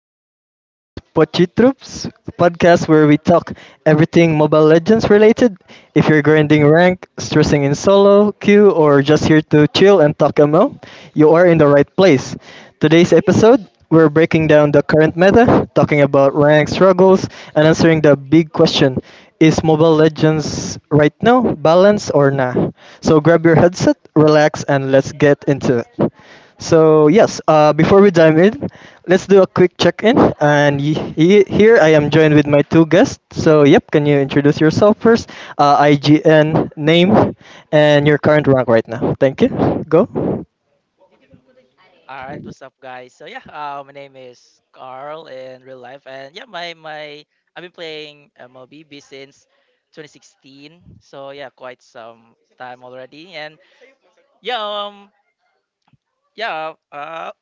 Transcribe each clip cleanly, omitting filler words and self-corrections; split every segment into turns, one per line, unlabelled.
podcast. This is Pochi Troops podcast where we talk everything Mobile Legends related. If you're grinding rank, stressing in solo, queue, or just here to chill and talk ML, you are in the right place. Today's episode, we're breaking down the current meta, talking about rank struggles, and answering the big question, is Mobile Legends right now balanced or nah? So grab your headset, relax, and let's get into it. So yes, before we dive in, let's do a quick check-in. And here I am joined with my two guests. So yep, can you introduce yourself first? IGN name and your current rank right now. Thank you. Go.
All right, what's up, guys? So yeah, my name is Carl in real life, and yeah, my I've been playing MLBB since 2016. So yeah, quite some time already, and yeah, yeah,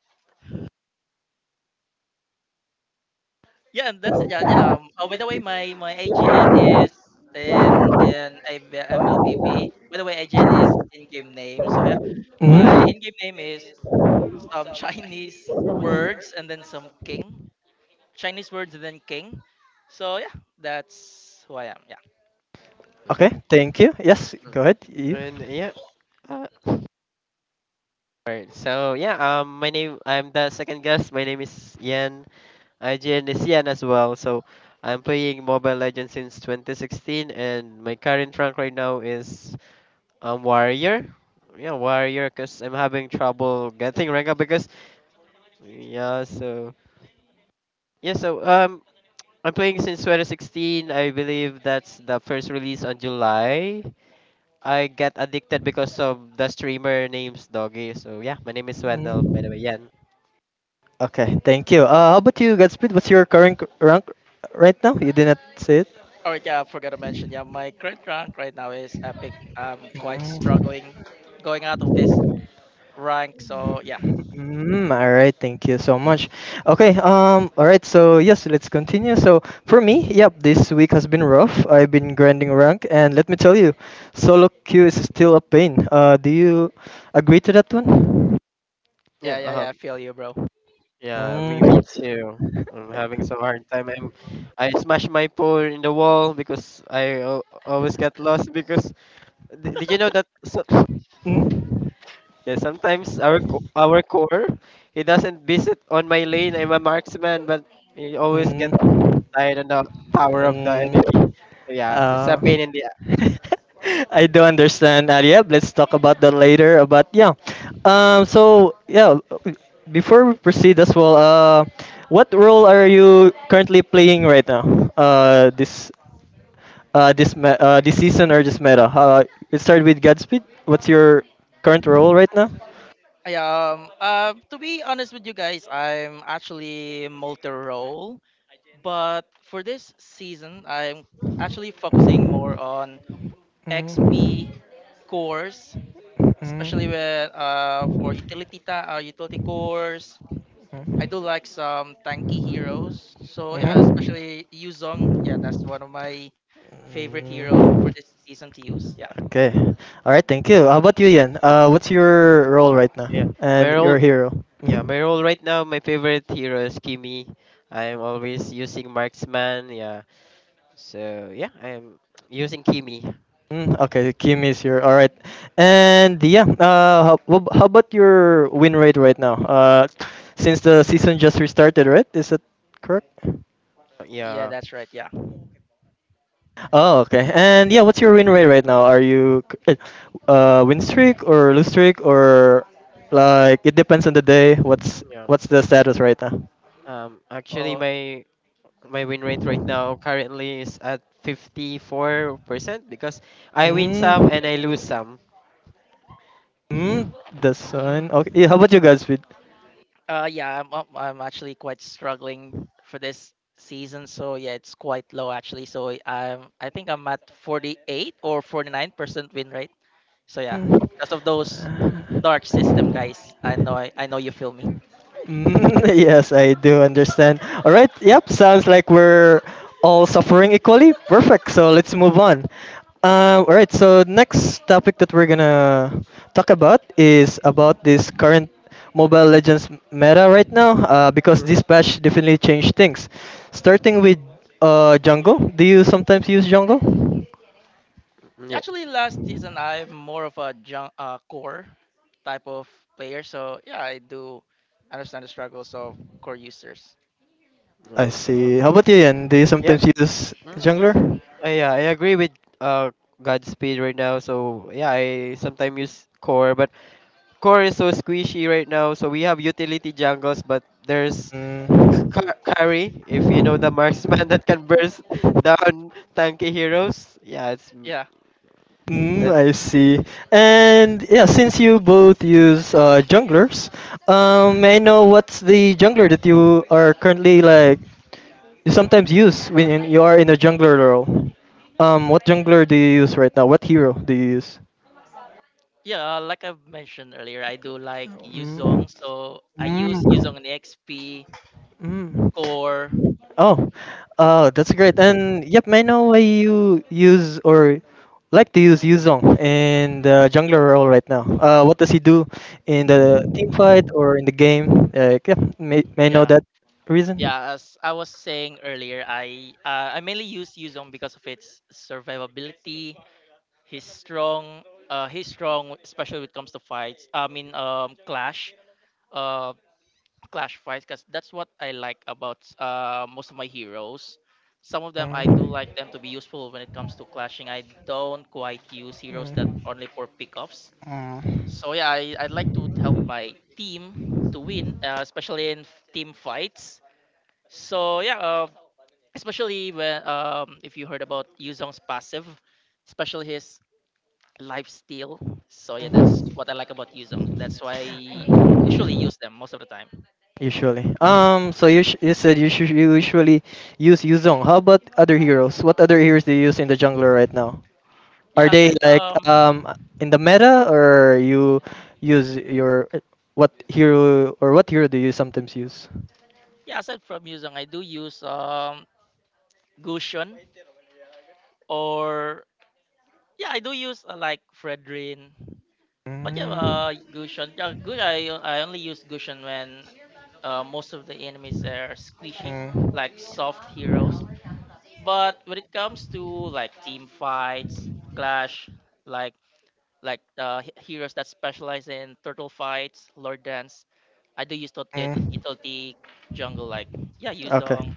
yeah, and that's it, yeah. Oh, by the way, my AGN is in MLBB. By the way, AGN is in-game name. So yeah,
Hmm.
my in-game name is some Chinese words and then some king. Chinese words and then king. So yeah, that's who I am. Yeah.
Okay.
Okay. Thank you. Yes.
Mm.
Go ahead. You.
And yeah. Uh, Alright, so yeah, my name I'm the second guest. My name is Yan. IGN is Yan as well. So I'm playing Mobile Legends since 2016, and my current rank right now is Warrior. Yeah, Warrior, cause I'm having trouble getting rank up because yeah. So yeah, so I'm playing since 2016. I believe that's the first release on July. I get addicted because of the streamer names Doggy. So yeah, my name is Wendell, by the
Mm-hmm.
way. Yan.
Okay, thank you. How about you, Godspeed? What's your current rank right now? You did not say it.
All right. Yeah, I forgot to mention. Yeah, my current rank right now is epic. I'm quite struggling going out of this rank. So yeah,
Mm, all right, thank you so much. Okay, all right, so yes, let's continue. So for me, yep, this week has been rough. I've been grinding rank, and let me tell you, solo queue is still a pain. Do you agree to that one?
yeah,
Yeah,
yeah, yeah, I feel you, bro.
yeah, me
Mm,
too. I'm having some hard time. I'm I smashed my phone in the wall because I always get lost because did you know that so,
mm,
yeah, sometimes our core he doesn't visit on my lane. I'm a marksman, but he always get
mm.
tied on the tower of the
Um,
enemy. So yeah, it's a
uh,
pain in the a-
I don't understand. Yeah, let's talk about that later. But yeah, so yeah, before we proceed as well, what role are you currently playing right now? Uh, this this season or this meta? It started with Godspeed. What's your current role right now?
Yeah. To be honest with you guys, I'm actually multi-role, but for this season, I'm actually focusing more on
Mm.
XP cores, especially with for utility cores.
Mm.
I do like
Mhm.
some tanky heroes. So yeah, especially Yuzong. Yeah, that's one of my favorite hero for this season to
Mm.
use. Yeah.
Okay. All right. Thank you. How about you, Yan? What's your role right now
yeah. My
and your
role
hero?
yeah,
Mhm.
my role right now, my favorite hero is Kimi. I'm always using marksman. Yeah, so yeah, I'm using Kimi.
Mm, okay, Kim is here. All right, and yeah. How about your win rate right now? Since the season just restarted, right? Is that correct?
Yeah,
Yeah,
that's right. Yeah.
Oh, okay. And yeah, what's your win rate right now? Win streak or lose streak, or like it depends on the day. What's
yeah.
what's the status right now?
Actually,
Oh,
my win rate right now currently is at 54% because I win some
Mm,
and I lose some.
mm, the sun. Okay.
mm,
Yeah, how about you guys? With
yeah, I'm actually quite struggling for this season. So yeah, it's quite low actually. So I I think I'm at 48 or 49% win rate. So yeah,
mm,
because of those dark system
uh,
guys, I know I know you feel me.
mm, yes, I do understand. All right. Yep. Sounds like we're all suffering equally. Perfect. So let's move on. All right. So next topic that we're gonna talk about is about this current Mobile Legends meta right now. Because
Mm,
this patch definitely changed things. Starting with jungle. Do you sometimes use jungle?
yeah.
Actually, last season I'm more of a core type of player, so yeah, I do understand the struggles of core users.
I
Uh-huh.
see. How about you, Ian? Do you
Yeah.
sometimes use
Mm.
jungler?
Yeah, I agree with uh Godspeed right now. So yeah, I sometimes use core, but core is so squishy right now. So we have utility jungles, but there's
Mm.
carry. If you know the marksman that can burst down tanky heroes, yeah, it's
Yeah,
Mm, I
that's
see. And yeah, since you both use junglers, may I know what's the jungler that you are currently like you sometimes use when you are in a jungler role? What jungler do you use right now? What hero do you use?
yeah. Like I've mentioned earlier, I do like
Mm.
Yuzong, so I use
Mm.
Yuzong in XP
Mm.
core.
Oh, that's great. And yep, I know why you use or like to use Yuzong in the jungler role right now. What does he do in the team fight or in the game? Like, yeah, may I know
Yeah,
that reason?
yeah. As I was saying earlier, I mainly use Yuzong because of its survivability. He's strong. He's strong, especially when it comes to fights. I mean, um, clash fights because that's what I like about most of my heroes. Some of them I do
Mm,
like them to be useful when it comes to clashing. I don't quite use heroes that
mm,
only for pickoffs.
mm,
So yeah, I like to help my team to win, especially in team fights. So yeah, especially when if you heard about Yuzong's passive, especially his life steal. So yeah, that's
mm.
what I like about Yuzong. That's why I usually use them most of the time.
Usually. So you, sh- you said you, sh- you usually use Yuzong. How about other heroes? What other heroes do you use in the jungler right now? Are
Yeah, I
they
said
like
um
in the meta, or you use your what hero or what hero do you sometimes use?
Yeah, aside from Yuzong, I do use Gusion, or yeah, I do use like Fredrin. But
Mm, mm,
Gusion, yeah, good. I only use Gusion when most of the enemies are squishy, like soft heroes. But when it comes to like team fights, clash, like like heroes that specialize in turtle fights, lord dance, I do use
mm.
Italti jungle. Like yeah,
Okay,
Yuzong,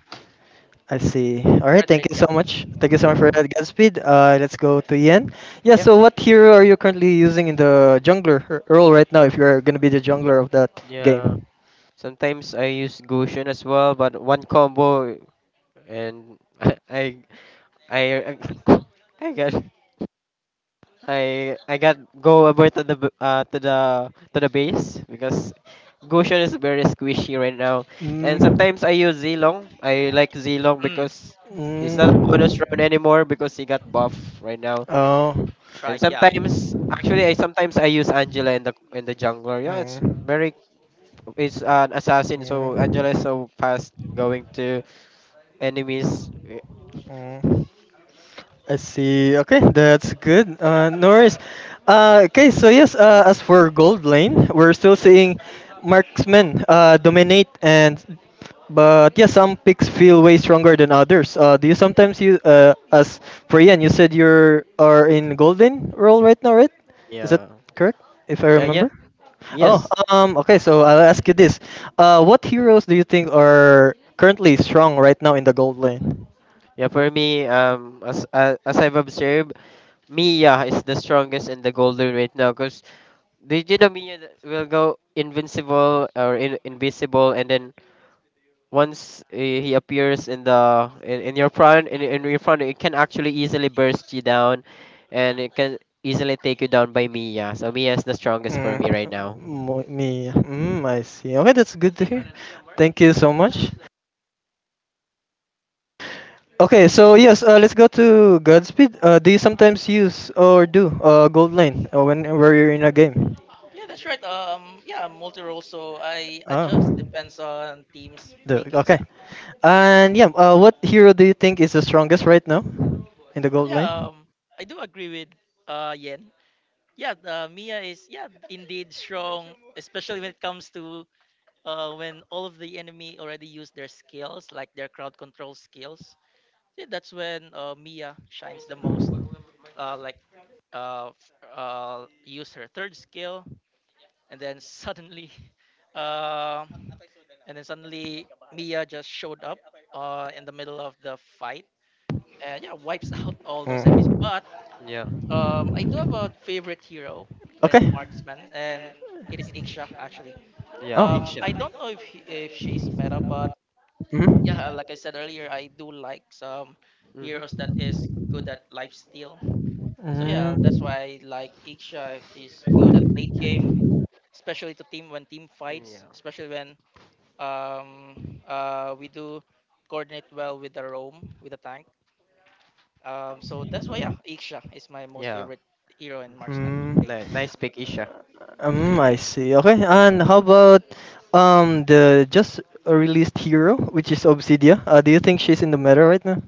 I see. All right,
Fredrin.
thank you
Yeah.
so much. Thank you so much for that, Godspeed. Let's go to Ian. Yeah,
yeah,
so what hero are you currently using in the jungler role right now
or-
if you're going to be the jungler of that
yeah.
game?
Sometimes I use Gushin as well, but one combo and I I I, I got I got go over to the to the base because Goshen is very squishy right now, and
Mm.
sometimes I use Zilong. I like Zilong
Mm,
because it's
Mm.
not a bonus round anymore because he got buff right now.
Oh.
And
right, yeah.
sometimes actually I sometimes I use Angela in the jungler. Yeah,
Mm.
it's an assassin, so
Mm.
Angela is so fast going to enemies. Y-
Mm. I see. Okay, that's good. No worries. Okay, so yes, as for Gold Lane, we're still seeing marksmen dominate, and but yeah, some picks feel way stronger than others. Do you sometimes you As for Ian, you said you're are in Golden role right now, right? Is that
Yeah.
correct? If I
Yeah.
remember. Oh,
Yes.
okay. So I'll ask you this: what heroes do you think are currently strong right now in the Gold Lane?
Yeah, for me, as I've observed, Mia is the strongest and the golden right now because did you know Mia will go invincible or invisible and then once he appears in your front in your front it can actually easily burst you down and it can easily take you down by Mia. So Mia is the strongest for
Mm,
me right now.
mo- me. Mm, I see. Okay, that's good to hear. Thank you so much. Okay, so yes, let's go to Godspeed. Do you sometimes use or do gold lane whenever you're in a game?
Yeah, that's right. Yeah, multi role. So I
Ah.
adjust depends on teams
The,
pickings.
okay.
Yeah,
And yeah, what hero do you think is the strongest right now in the gold
yeah.
lane?
I do agree with Yen. Yeah, Mia is yeah indeed strong, especially when it comes to when all of the enemy already use their skills, like their crowd control skills. Yeah, that's when Mia shines the most. Uh, like Use her third skill, and then suddenly Uh, and then suddenly Mia just showed up in the middle of the fight, and yeah, wipes out all those enemies. But
Yeah.
I do have
Mm.
a favorite hero when
Okay.
marksman, and it is Iksha actually.
Yeah,
Oh.
Isha.
I don't know if she's meta,
Mhm.
but yeah, like I said earlier, I do like some
Mhm.
heroes that is good at lifesteal. So yeah, that's
Mm,
why I like Iksha is good at late game, especially to team when team fights,
Yeah.
especially when um we do coordinate well with the Rome with the tank. Um, so that's why yeah, Ixia is my most
Yeah.
favorite hero in marksman
mm,
Ni-
lane.
nice pick, Isha.
I see. Okay, and how about the just released hero, which is Obsidia? Do you think she's in the meta right now?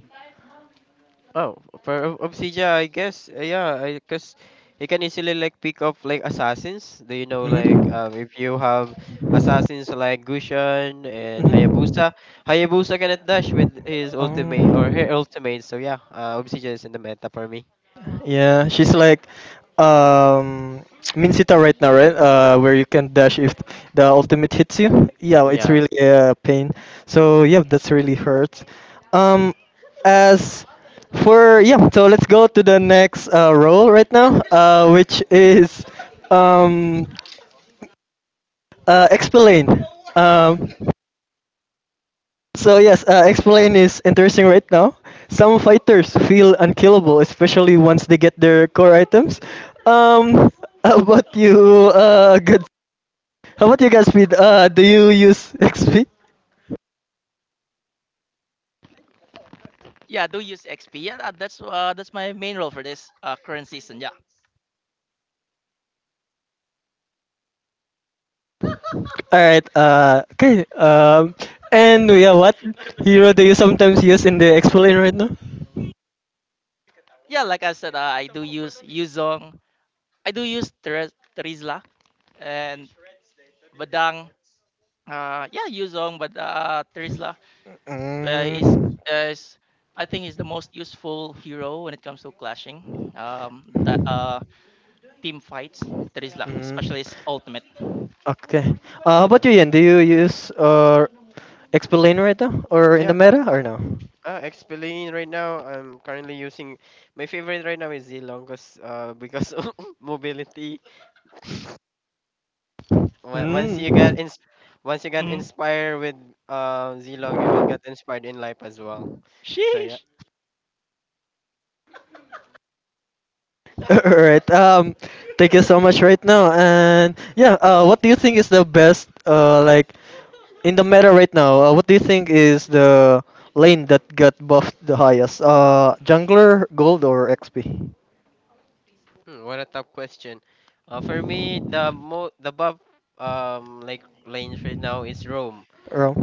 Oh, for Obsidian, yeah, I guess, yeah, I because you can easily like pick up like assassins. Do you know like
Mm-hmm.
if you have assassins like Gushan and
Mm-hmm.
Hayabusa, Hayabusa cannot dash with his ultimate or
Um,
her ultimate. So yeah, Obsidian is in the meta for me.
yeah, she's like um Minsita right now, right? Uh, where you can dash if the ultimate hits you. Yeah, it's
Yeah,
really a pain.
yeah,
So yeah, that's really hurts. Um, as for yeah, so let's go to the next role right now, which is um explain. Um, so yes, explain is interesting right now. Some fighters feel unkillable, especially once they get their core items. Um, how about you, Godspeed? Do you use XP?
Yeah, I do use XP. Yeah, that's my main role for this current season. Yeah.
All right. Okay. And yeah, what hero do you sometimes use in the explain right now?
Yeah, like I said, I do use Yuzong. I do use Terizla and Badang. Yeah, Yuzong, but Terizla uh, is
Mm,
is I think is the most useful hero when it comes to clashing. Um, that team fights, Trisla,
mm,
specialist ultimate.
okay. How
yeah,
about you, Ian? Do you use or explain right now or in
yeah.
the meta or no?
Explain right now. I'm currently using my favorite right now is Zilong 'cause, because of mobility. on- once
Mm.
you get ins Once you get
hmm.
inspired with Zilong, you will get inspired in life as well. So yeah,
Sheesh.
All right. Thank you so much right now. And yeah, what do you think is the best like in the meta right now? What do you think is the lane that got buffed the highest? Jungler, gold, or XP?
hmm, what a tough question. For me, the buff like range right now is Rome.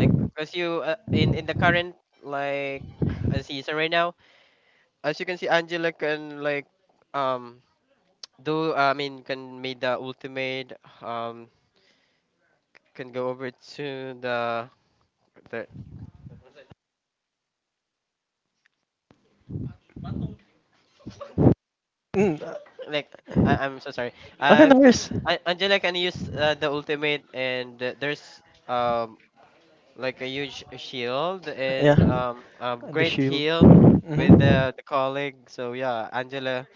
Like, cause you in the current like season right now, as you can see, Angela can like um do I mean can make the ultimate um can go over to the the
Mm,
like I I'm so sorry.
okay,
Uh,
no worries.
Angela can use the ultimate, and there's like a huge shield
Yeah.
and a
And the
great
shield.
heal with
Mm-hmm.
the colleague. So yeah, Angela,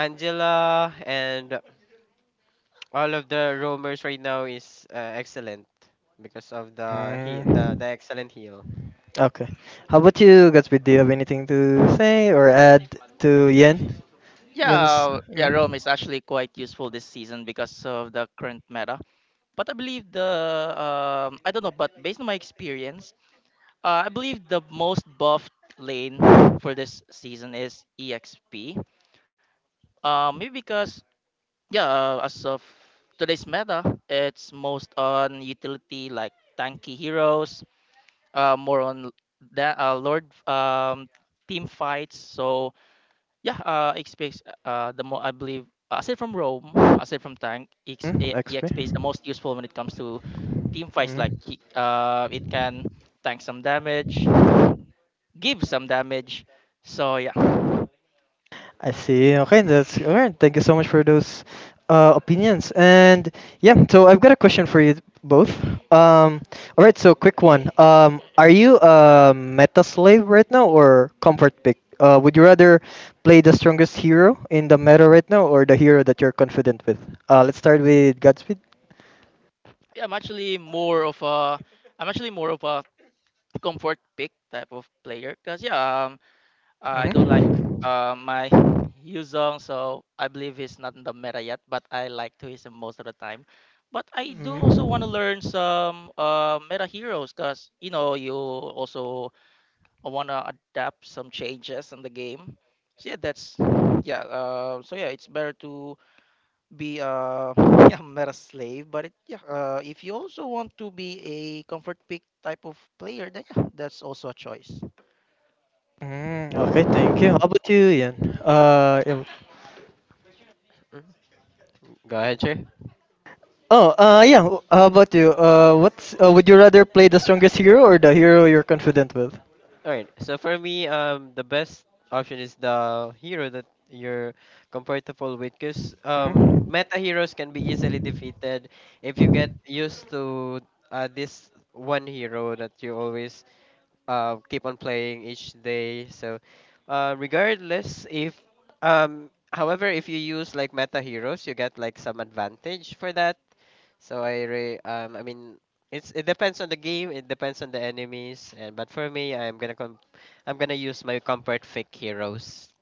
Angela, and all of the roamers right now is excellent because of the he
Mm.
the excellent heal.
Okay. How about you, Gatsby? Do you have anything to say or add to Yen? Yen's.
Yeah, yeah, Rome
Mm?
is actually quite useful this season because of the current meta. But I believe the I don't know, but based on my experience, I believe the most buffed lane for this season is EXP. Maybe because yeah, as of today's meta, it's most on utility like tanky heroes, more on that Lord team fights. So yeah, space. The more I believe, aside from Rome, aside from Tank,
Mm? XP?
EXP is the most useful when it comes to team fights. Like
Mm?
it can tank some damage, give some damage. So yeah,
I see. Okay, that's all right. Thank you so much for those opinions. And yeah, so I've got a question for you both. Um, all right,
Yes, sir.
so quick one. Are you a meta slave right now or comfort pick? Would you rather play the strongest hero in the meta right now or the hero that you're confident with? Let's start with Godspeed.
yeah, I'm actually more of a comfort pick type of player because I do like
Mhm.
my Yuzong, so I believe he's not in the meta yet, but I like to use him most of the time. But I do also want to
Mm.
learn some meta heroes because you know you also want to adapt some changes in the game. So yeah, that's yeah. So yeah, it's better to be a yeah, meta slave, but if you also want to be a comfort pick type of player, then yeah, that's also a choice.
Mm, okay, thank you. How about you, Ian?
Okay.
Yeah,
Mhm. Go ahead, sir.
oh, yeah. How about you? What's Would you rather play the strongest hero or the hero you're confident with?
All right. So for me, the best option is the hero that you're comfortable with, because
Mhm.
meta heroes can be easily defeated if you get used to this one hero that you always keep on playing each day. So, regardless if however, if you use like meta heroes, you get like some advantage for that so I mean it's it depends on the game, it depends on the enemies, and but for me I'm gonna use my comfort fake heroes.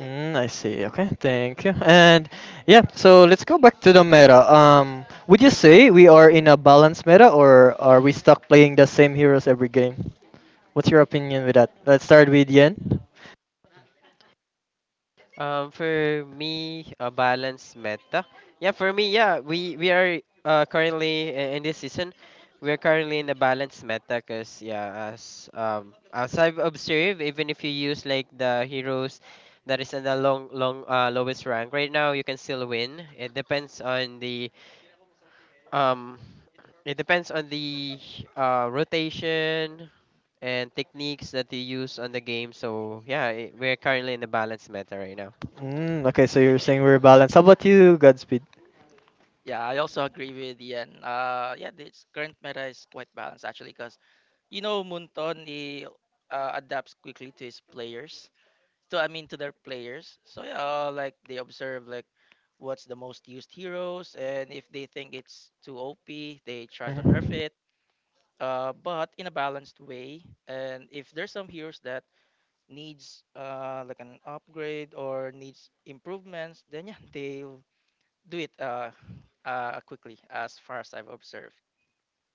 Mm, I see. Okay, thank you. And yeah, so let's go back to the meta. Would you say we are in a balanced meta, or are we stuck playing the same heroes every game? What's your opinion with that? Let's start with Yen.
For me a balanced meta. Yeah, for me yeah, we are currently in this season we're currently in a balanced meta because yeah as I've observed even if you use like the heroes that is in the long lowest rank right now you can still win. It depends on the um It depends on the rotation and techniques that you use on the game. So yeah, I we're currently in the balance meta right now.
Mm, okay, so you're saying we're balanced. How about you, Godspeed?
Yeah, I also agree with Ian. Yeah, this current meta is quite balanced actually, because you know Munton he adapts quickly to his players. So I mean to their players. So yeah, like they observe like what's the most used heroes, and if they think it's too OP, they try to nerf it. But in a balanced way. And if there's some heroes that needs like an upgrade or needs improvements, then yeah, they do it quickly as far as I've observed.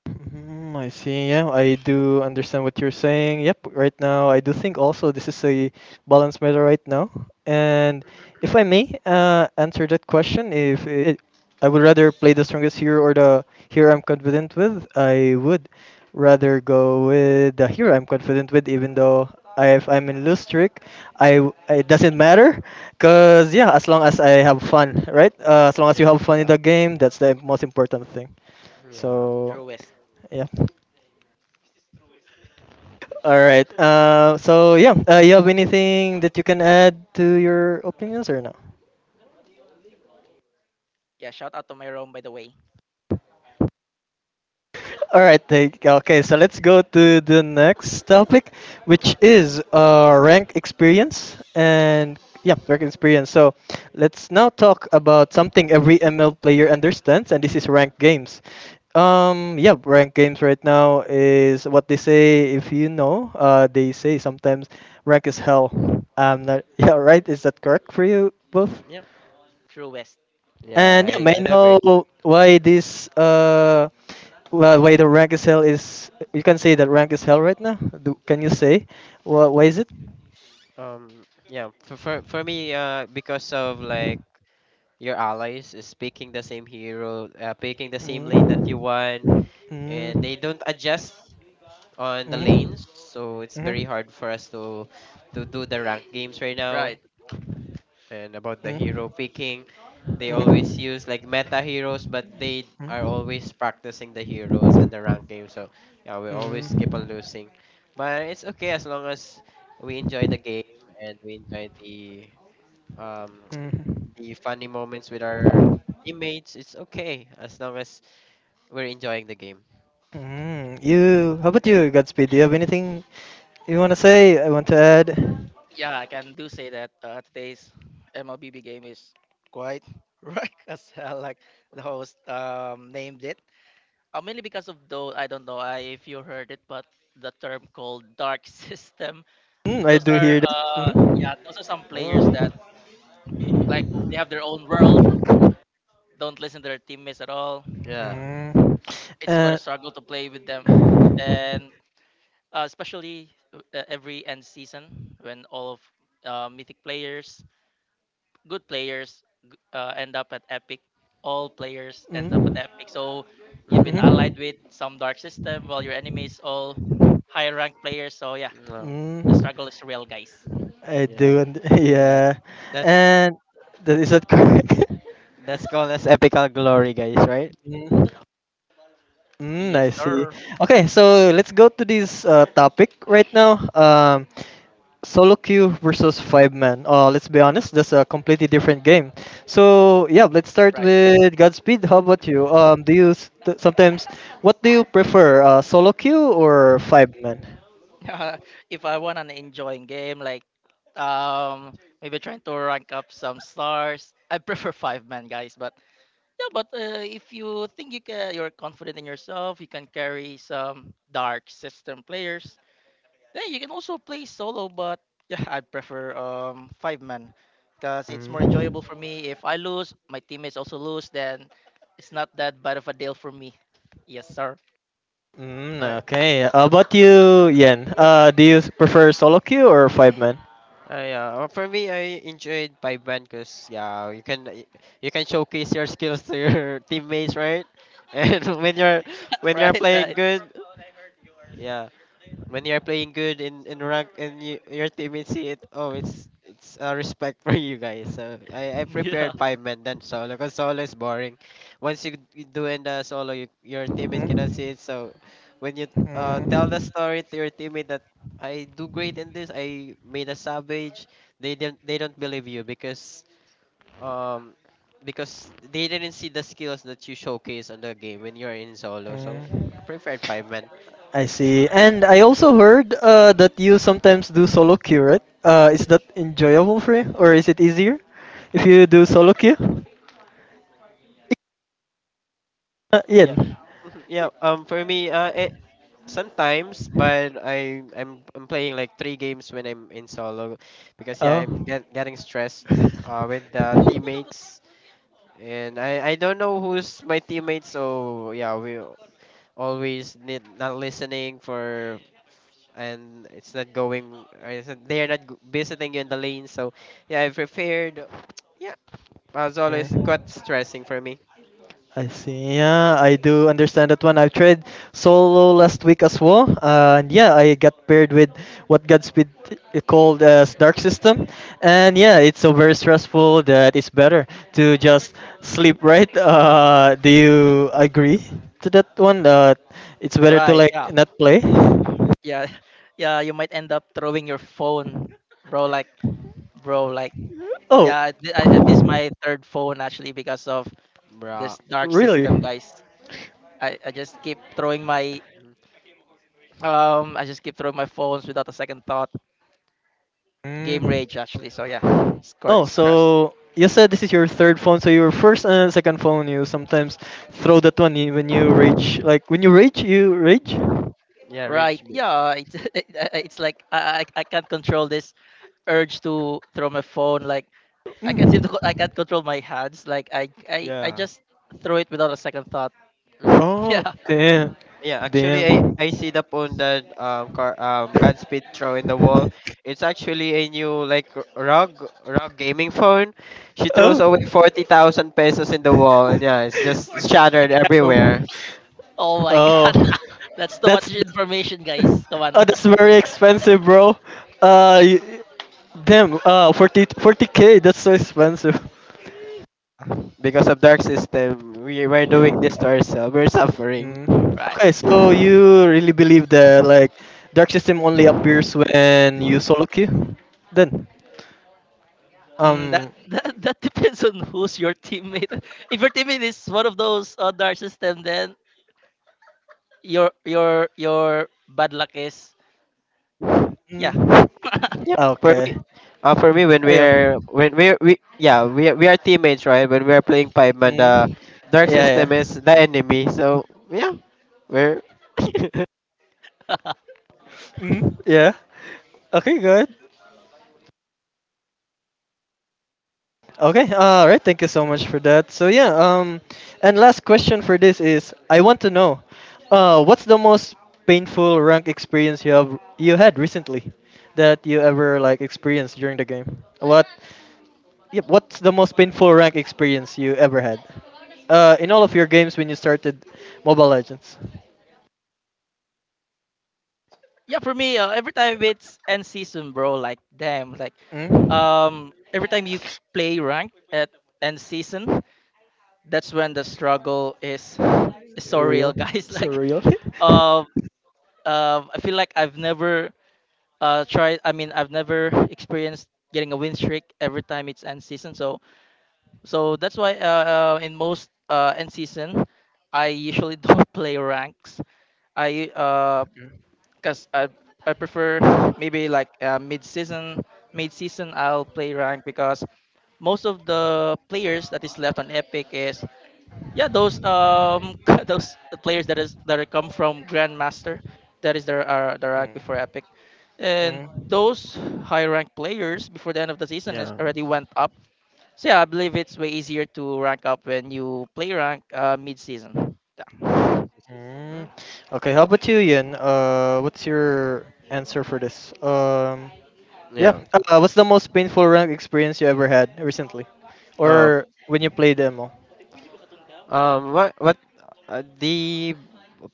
Mm, I see. Yeah, I do understand what you're saying. Yep, right now, I do think also this is a balanced matter right now. And if I may answer that question, if it, I would rather play the strongest hero or the hero I'm confident with, I would rather go with the hero I'm confident with, even though if I'm in loose streak, it doesn't matter, cause yeah, as long as I have fun, right? As long as you
Yeah.
have fun in
Yeah.
the game, that's the most important thing.
Yeah.
So
True West.
yeah. All right. You have anything that you can add to your opinions or no?
Yeah, shout out to my Rome by the way.
All right. Okay. So let's go to the next topic, which is rank experience. So let's now talk about something every ML player understands, and this is ranked games. Yeah, ranked games right now is what they say. If you know, they say sometimes rank is hell. Not, yeah, right. Is that correct for you both?
Yeah.
True West.
Yeah,
And yeah, may
I,
I
I do agree.
know why this why the rank is hell, is you can say that rank is hell right now? Can you say why is it?
Um, yeah, for me, because of like your allies is picking the same hero, picking the same
Mm.
lane that you
Mm.
want,
Mm. Mm.
and
Mm.
they don't adjust on the
Mm.
lanes, so it's very hard for us to do the rank games right now.
Right.
And about the
Mm. Mm. Mm.
hero picking. They
Mm.
always use like meta heroes, but they are always practicing the heroes and the rank game. So yeah, we always keep on losing, but it's okay as long as we enjoy the game and we enjoy the um the funny moments with our teammates. It's okay as long as we're enjoying the game.
You, how about you, Godspeed? Do you have anything you want to say? I want to add.
Yeah, I can do say that today's MLBB game is quite wreck as hell, like the host named it. Mainly because of though I don't know if you heard it, but the term called dark system.
Mm, I
Those
do
are
hear that. Mhm.
yeah, those are some players
Oh
that like they have their own world, don't listen to their teammates at all.
yeah.
Mm.
It's quite
Uh,
a struggle to play with them,
mm.
and especially every end season when all of mythic players, good players, end up at Epic. All players end up at
Mhm.
Epic, so you've
Mm,
been allied with some dark system, while your enemies all high rank players. So yeah,
no.
the
Mm.
struggle is real, guys.
I
Yeah.
do.
Yeah.
Yeah.
That's
And that, is that correct?
that's called as epical glory, guys, right?
Mm, mm, I
Yes,
see.
sir.
Okay, so let's go to this topic right now. Solo queue versus five man. Let's be honest, that's a completely different game. So yeah, let's start
Right.
with Godspeed. How about you? Do you s- t- sometimes what do you prefer, solo queue or five man?
If I want an enjoying game, like um maybe trying to rank up some stars, I prefer five-man guys, but yeah, but if you think you're confident in yourself, you can carry some dark system players. Then you can also play solo, but yeah, I prefer five-man because it's more enjoyable
Mm,
for me. If I lose, my teammates also lose, then it's not that bad of a deal for me. Yes, sir.
mm,
Alright.
okay. How about you, Yen? Prefer solo queue or five man?
Yeah, for me, I enjoyed Five Band because yeah, you can showcase your skills to your teammates, right? And when you're
Right,
playing
right.
good, yeah, when you're playing good in rank and your teammates see it oh it's a respect for you guys so I prepared
Yeah.
five men then solo because solo is boring once you do in the solo your teammates cannot
Mm?
see it so when you tell the
Mm.
story to your teammate that I do great in this I made a savage they don't believe you um because they didn't see the skills that you showcase on the game when you're in solo so
Mm.
I preferred five men.
I see. And I also heard that you sometimes do solo queue, right? Is that enjoyable for you, or is it easier if you do solo queue?
Yeah.
Ian.
Mhm. Yeah. For me, it sometimes, but I'm playing like three games when I'm in solo, because yeah,
Oh.
getting stressed, with the teammates, and I don't know who's my teammates, so yeah, we always need not listening for. And it's not going. Or it's not- they are not visiting you in the lane, so yeah, I prepared. Yeah, as always, quite
Mm.
stressing for me,
I see. Yeah, I do understand that one. I've tried solo last week as well, and yeah, I got paired with what Godspeed called as Dark System, and yeah, it's so very stressful that it's better to just sleep. Right? Do you agree to that one? That it's better to
Right.
like
Yeah.
not play.
yeah. Yeah, you might end up throwing your phone, bro like bro,
Oh,
yeah. th- I- this is my third phone actually because of
bruh.
this dark
really?
system guys. I just keep throwing my
Mhm.
phones without a second thought game
Mm.
rage actually, so yeah it's quite
Oh,
stress.
so you said this is your third phone. So your first and second phone, you sometimes throw that one when you rage. Like when you rage, you rage.
Yeah,
Right,
range bait.
yeah, it's it's like I can't control this urge to throw my phone like I can't seem
Mm.
to I can't control my hands like I
Yeah.
just throw it without a second thought.
Oh,
Yeah.
damn,
Yeah, actually,
damn.
I see the phone that car Godspeed throw in the wall. It's actually a new like rug gaming phone. She throws
Oh,
away 40,000 pesos in the wall, and yeah, it's just shattered
Um,
everywhere
Oh my god.
oh,
That's too much
that's
information,
oh,
guys. Come on.
that's very expensive, bro. Uh, y- damn. Forty k. That's so expensive.
because of dark system. We're doing this to ourselves. We're suffering.
Mm.
Right.
Okay, so you really believe that like dark system only appears when you solo queue? Then,
Mm,
um,
that depends on who's your teammate. If your teammate is one of those on our system, then your bad luck is yeah.
mm,
Yep.
ah,
For
okay,
me, when
ayo,
we yeah we are teammates, right? When we are playing five man, the
mm, yeah,
dark
yeah,
system is the enemy. So yeah, we're.
mm, yeah. Okay, good. Okay, all right. Thank you so much for that. So yeah, and last question for this is, I want to know, what's the most painful rank experience you had recently, that you ever like experienced during the game? What? Yep. What's the most painful rank experience you ever had? In all of your games when you started Mobile Legends.
Yeah, for me, every time it's end season, bro. Like damn, like
Mm?
every time you play rank at end season, that's when the struggle is is so real,
Real.
guys.
So
Like
real.
um, I feel like I've never try. I mean I've never experienced getting a win streak every time it's end season, so so that's why in most end season I usually don't play ranks. I Because I prefer maybe like mid season I'll play rank, because most of the players that is left on epic is yeah, those those players that is that are come from grandmaster. That is their rank before
Mm.
epic, and
Mm.
those high rank players before the end of the season is
yeah.
already went up. So yeah, I believe it's way easier to rank up when you play rank mid season,
Mid
yeah.
season.
Mm.
Mm,
Okay, how about you, Ian? What's your answer for this? Yeah,
yeah.
what's the most painful rank experience you ever had recently,
Um.
or when you played demo?
What? The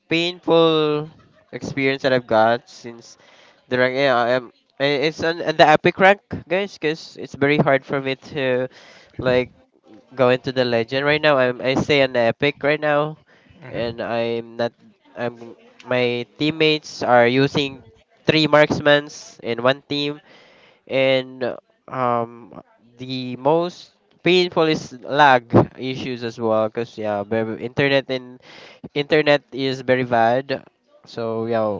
painful experience that I've got since the rank. Yeah. It's on the epic rank, guys, because it's very hard for me to, like, go into the legend right now. I stay on the epic right now,
Mhm.
and I'm not. I'm. my teammates are using three marksmans in one team and um the most painful is lag issues as well because yeah very internet and internet is very bad so yeah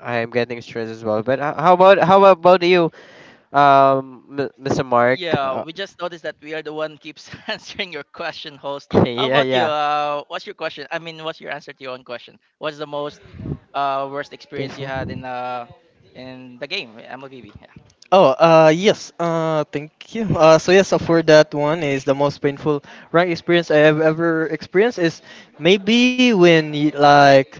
I am getting stressed as well but how about you mr mark
Yeah, we just noticed that we are the one keeps answering your question, host. How
yeah
about you?
yeah
What's your question? I mean, what's your answer to your own question? What's the most worst experience you
Painful.
had in the game MLBB?
Oh, yes. Thank you. So yes, for that one is the most painful rank experience I have ever experienced is maybe when like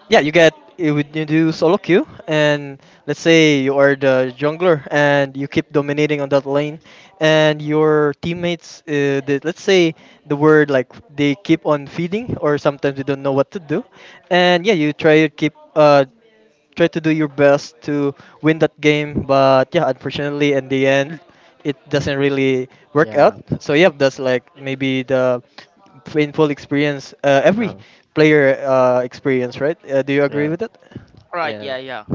yeah, you get you would you do solo queue, and let's say you are the jungler and you keep dominating on that lane, and your teammates, let's say the word like they keep on feeding, or sometimes they don't know what to do, and yeah, you try to keep try to do your best to win that game, but yeah, unfortunately in the end, it doesn't really work out.
yeah
So yeah, that's like maybe the painful experience. Every
oh,
player experience, right? Do you agree
yeah
with that?
Right,
yeah
yeah, yeah.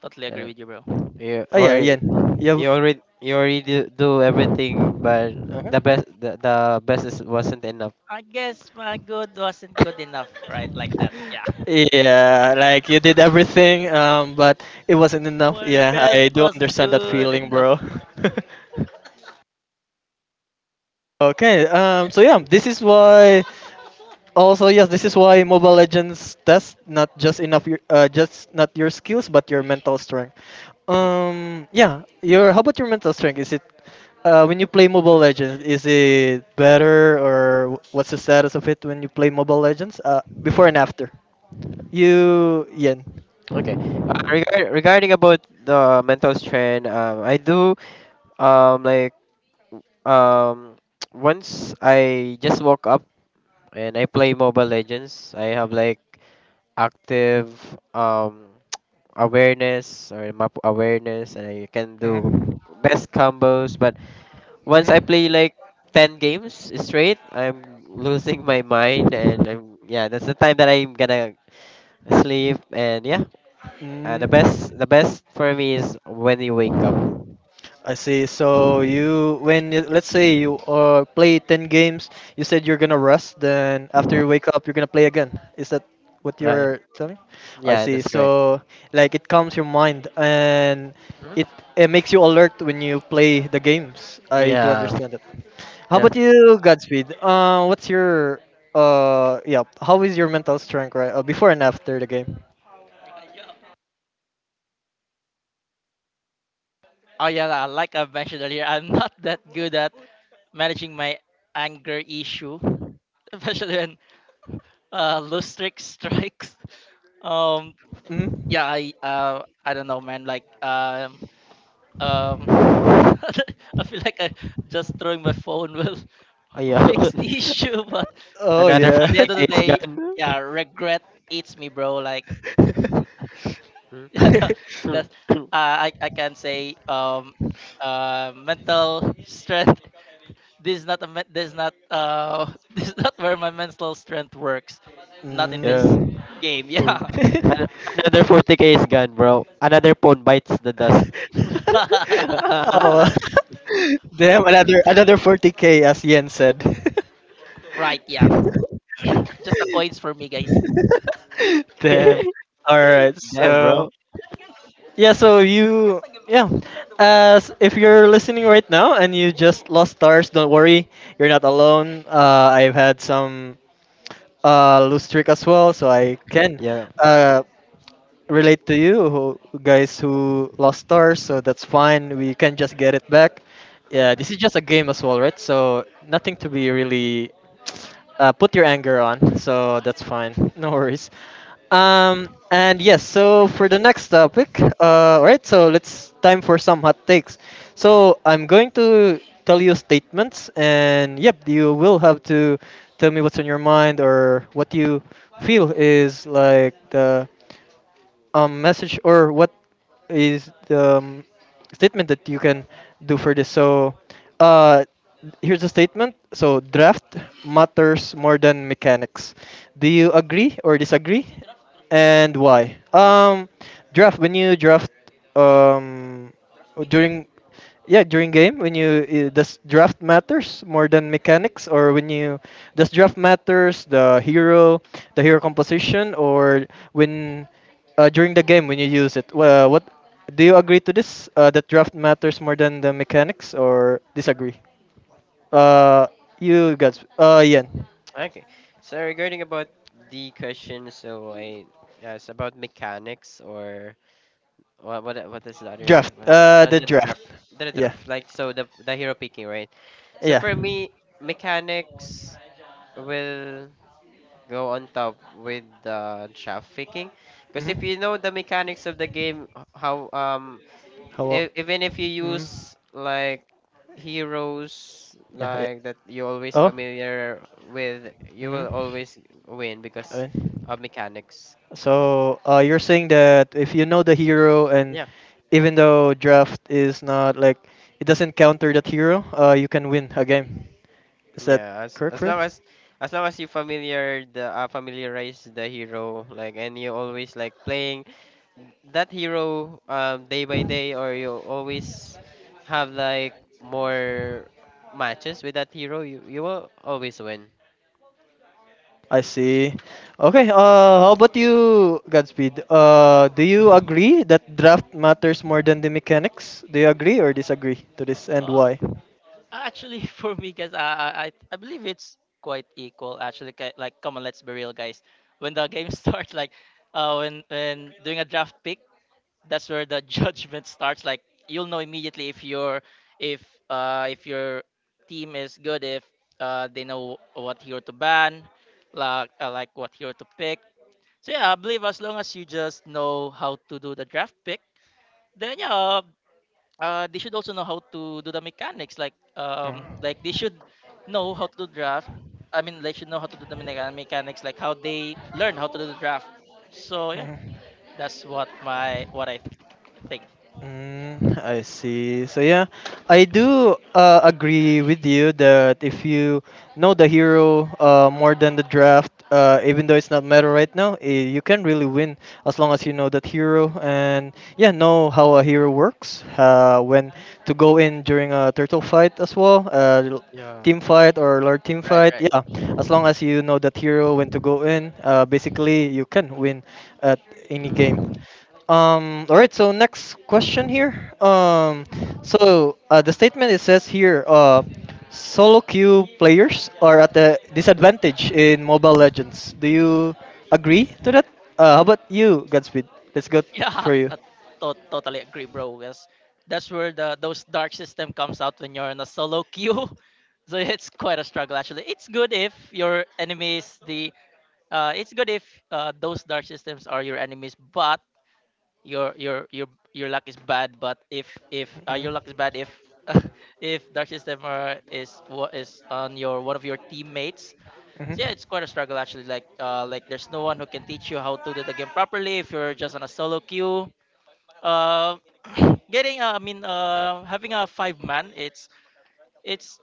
Totally agree
uh,
with you, bro.
yeah
Oh yeah, yeah,
or
yeah.
you already do everything but
Uh-huh.
the best is wasn't enough.
I guess my good wasn't good enough, right? Like that, yeah.
Yeah, like you did everything, but it wasn't enough.
My
Yeah,
best
I do
wasn't
understand that
good
feeling,
enough.
bro. Okay, so yeah, this is why. Also, yes, this is why Mobile Legends tests not just enough your just not your skills but your mental strength. Yeah, your how about your mental strength? Is it When you play Mobile Legends, is it better or what's the status of it when you play Mobile Legends? Before and after. You, Yen.
Okay. Regarding about the mental strain, I do like um once I just woke up and I play Mobile Legends. I have like active um awareness or map awareness, and I can do
Hmm.
best combos. But once I play like 10 games straight, I'm losing my mind, and I'm yeah. That's the time that I'm gonna sleep, and yeah,
Mm.
the best for me is when you wake up.
I see. So you, let's say you play ten games, you said you're gonna rest. Then after you wake up, you're gonna play again. Is that what
Uh, yeah,
you're telling? I
Yeah,
see.
that's correct.
So like it calms your mind and it
Hmm.
it makes you alert when you play the games. I do
Yeah,
understand it. How
yeah,
about you, Godspeed? What's your yeah? How is your mental strength right before and after the game?
Oh yeah, la, like I mentioned earlier, I'm not that good at managing my anger issue, especially when loose streak strikes. Um,
Hmm.
yeah, I don't know, man. Like um, I feel like I just throwing my phone will
oh, yeah.
fix the issue, but
Oh
Another
yeah.
at the end of the
40k is
day,
gone.
yeah, regret eats me, bro. Like
Mm.
the, the
Mm.
I can say mental strength. This is not a this is not this is not where my mental strength works. Not in
yeah,
this
Mm.
game.
Mm.
Yeah.
Another 40k is gone, bro. Another phone bites the dust.
Oh, damn! Another 40K, as Yen said.
Right. Yeah. Just the coins for me, guys.
Damn. All right.
Damn,
So
bro.
yeah. So you, yeah. As if you're listening right now and you just lost stars, don't worry. You're not alone. I've had some lose streak as well, so I can
Yeah.
uh relate to guys who lost stars, so that's fine. We can just get it back. Yeah, this is just a game as well, right? So nothing to be really put your anger on. So that's fine. No worries. And yes, so for the next topic, right? So let's time for some hot takes. So I'm going to tell you statements, and yep, you will have to tell me what's on your mind or what you feel is like the message or what is the statement that you can do for this? So, uh, here's a statement. So, draft matters more than mechanics. Do you agree or disagree? And why? Draft when you draft um, during yeah during game when you does draft matters more than mechanics or when you does draft matters the hero composition or when during the game when you use it. Well, what do you agree to this? That draft matters more than the mechanics, or disagree? Uh, you guys. Yeah,
Okay. So regarding about the question, so I yeah, it's about mechanics or what is the other
draft.
what's
The
the
draft.
draft the
Yeah,
draft like, so the hero picking, right? So
yeah,
for
hmm.
me, mechanics will go on top with the draft picking, because if you know the mechanics of the game, how
How?
even if you
Mm,
use like heroes
yeah, yeah.
like that you're always
Oh.
familiar with, you
Hmm.
will always win because
Alright.
of mechanics. um,
So you're saying that if you know the hero and even though draft is not like it doesn't counter that hero, you can win a game. Is that
Yeah, as
correct
as
for you?
long as as long as you familiar the familiarize the hero like, and you always like playing that hero day by day, or you always have like more matches with that hero, you will always win.
I see. Okay. How about you, Godspeed? Do you agree that draft matters more than the mechanics? Do you agree or disagree to this, and
Uh,
why?
Actually, for me, guys, I believe it's quite equal. Actually, like come on, let's be real, guys. When the game starts, like when doing a draft pick, that's where the judgment starts. Like you'll know immediately if your if if your team is good, if they know what hero to ban, like what hero to pick. So yeah, I believe as long as you just know how to do the draft pick, then yeah, they should also know how to do the mechanics, like they should know how
Yeah.
Mm.
to do draft. I mean, they should know how to do the mechanics like how they learn how to do the draft. So yeah, that's what my what
Mm,
I think.
yeah.
Mm, I
There's in the,
see.
yeah.
So yeah, I do agree with you that if you know the hero more than the draft, even though it's not meta right now, eh, you can really win as long as you know that hero and yeah, know how a hero works, when to go in during a turtle fight as well,
Yeah.
team fight or large team
Right,
fight.
right.
Yeah, as long as you know that hero when to go in, basically you can win at any
Mm.
game. All right, so next question here. The statement it says here, solo queue players are at a disadvantage in Mobile Legends. Do you agree to that? How about you, Godspeed? Let's go
Yeah,
for you.
I totally agree, bro. Because that's where the those dark system comes out when you're in a solo queue. So it's quite a struggle actually. It's good if your enemies the it's good if those dark systems are your enemies, but your your luck is bad. But if your luck is bad if if dark system are, is what is on your one of your teammates,
Mhm, mhm.
yeah, it's quite a struggle actually. Like there's no one who can teach you how to do the game properly if you're just on a
Mm-hmm.
solo queue. Uh, getting I mean having a five-man, it's it's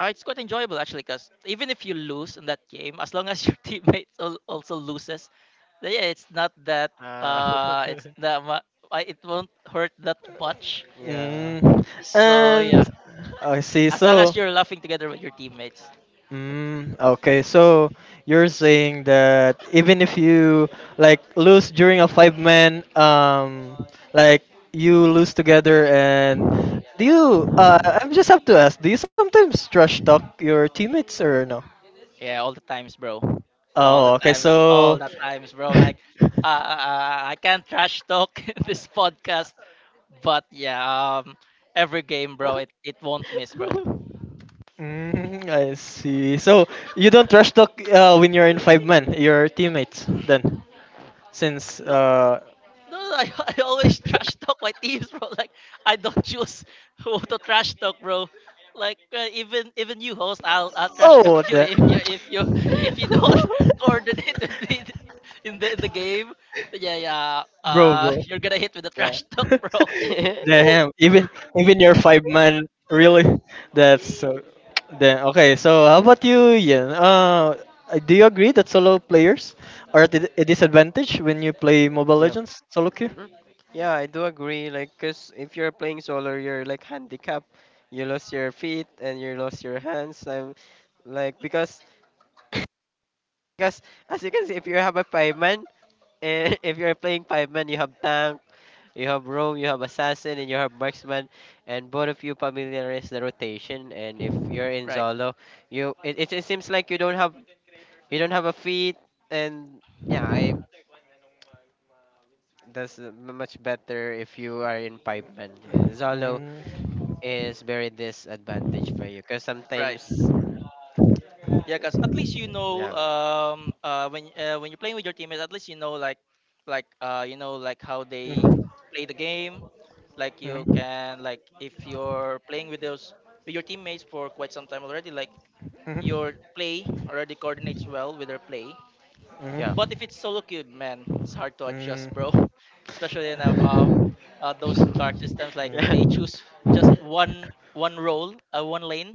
it's quite enjoyable actually, because even if you lose in that game, as long as your teammate also loses, then yeah, it's not that
Uh,
uh, it's that mu- it won't hurt that much.
yeah.
Mm,
So yeah,
and I see.
as long
So,
as you're laughing together with your teammates.
mm, okay. So you're saying that even if you like lose during a five man, like you lose together, and do you? I just have to ask. Do you sometimes trash talk your teammates or no?
Yeah, all the times, bro.
Oh, okay.
All
So.
the times, bro. Like, I can't trash talk in this podcast, but yeah, every game, bro, it won't miss, bro.
Mm, I see. So you don't trash talk when you're in five-man, your teammates then. Since
No, no, I, I always trash talk my teams, bro. Like, I don't choose who to trash talk, bro. Like, even even you, host, I'll trash talk
oh,
you
the
if you if you don't coordinate with me in the game. Yeah, yeah.
bro bro
You're gonna hit with the
yeah.
trash talk, bro.
Damn, even your five man, really, that's so, then okay, so how about you, Ian, do you agree that solo players are at a disadvantage when you play Mobile
yeah.
Legends solo queue?
Mm, yeah, I do agree. Like, 'cause if you're playing solo, you're like handicapped. You lost your feet and you lost your hands. I'm like, because as you can see, if you have a fireman and if you're playing five man, you have tank, you have roam, you have assassin, and you have marksman, and both of you familiarize the rotation. And if you're in
Right.
solo, you it seems like you don't have, you don't have a feet, and yeah, I that's much better if you are in fireman. Solo
Mm,
is very disadvantage for you because
Right.
sometimes
Yeah, cause at least you know
yeah,
when you're playing with your teammates, at least you know like you know like how they play the game. Like you can like if you're playing with those with your
mm,
teammates for quite some time already,
mm. Mhm.
like
Mhm.
your play already coordinates well with their play.
yeah.
But
Mm.
if it's solo queue, man, it's hard to adjust, bro. Especially in F. Those dark
Mm.
systems, like
yeah.
they choose just one one role, one lane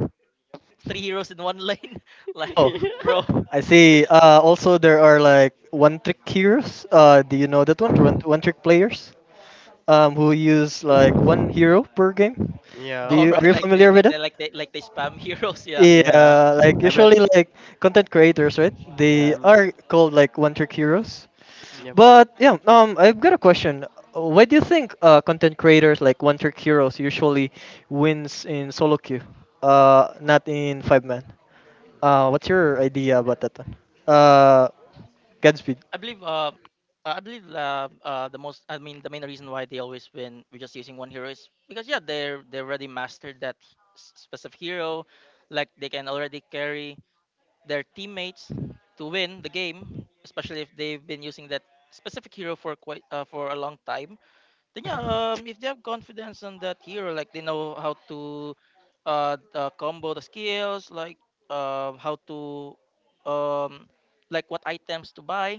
three heroes in one lane. Like,
Oh,
bro.
I see. Also, there are like one trick heroes. Do you know that one? One trick players who use like one hero per game. Do
yeah.
All
you are
right,
you
like they,
familiar with
like
it?
they like they like they spam heroes. Yeah.
Yeah.
Yeah, like
I'm not
usually
s-
like content creators, right?
Yeah,
They
i'm,
are called like one trick heroes.
Mm,
yep.
But yeah, I've got a question. Why do you think content creators like one trick heroes usually wins in solo queue?
Hmm.
Not in five man. What's your idea about that one?
mm.
uh,
Uh Godspeed.
I believe um I believe the most, I mean, the main reason why they always win with just using one hero is because yeah, they're they already mastered that specific hero, like they can already carry their teammates to win the game, especially if they've been using that specific hero for quite for a long time. Then yeah,
Mhm,
if they have confidence on that hero, like they know how to combo the skills, like how to um like what items to buy,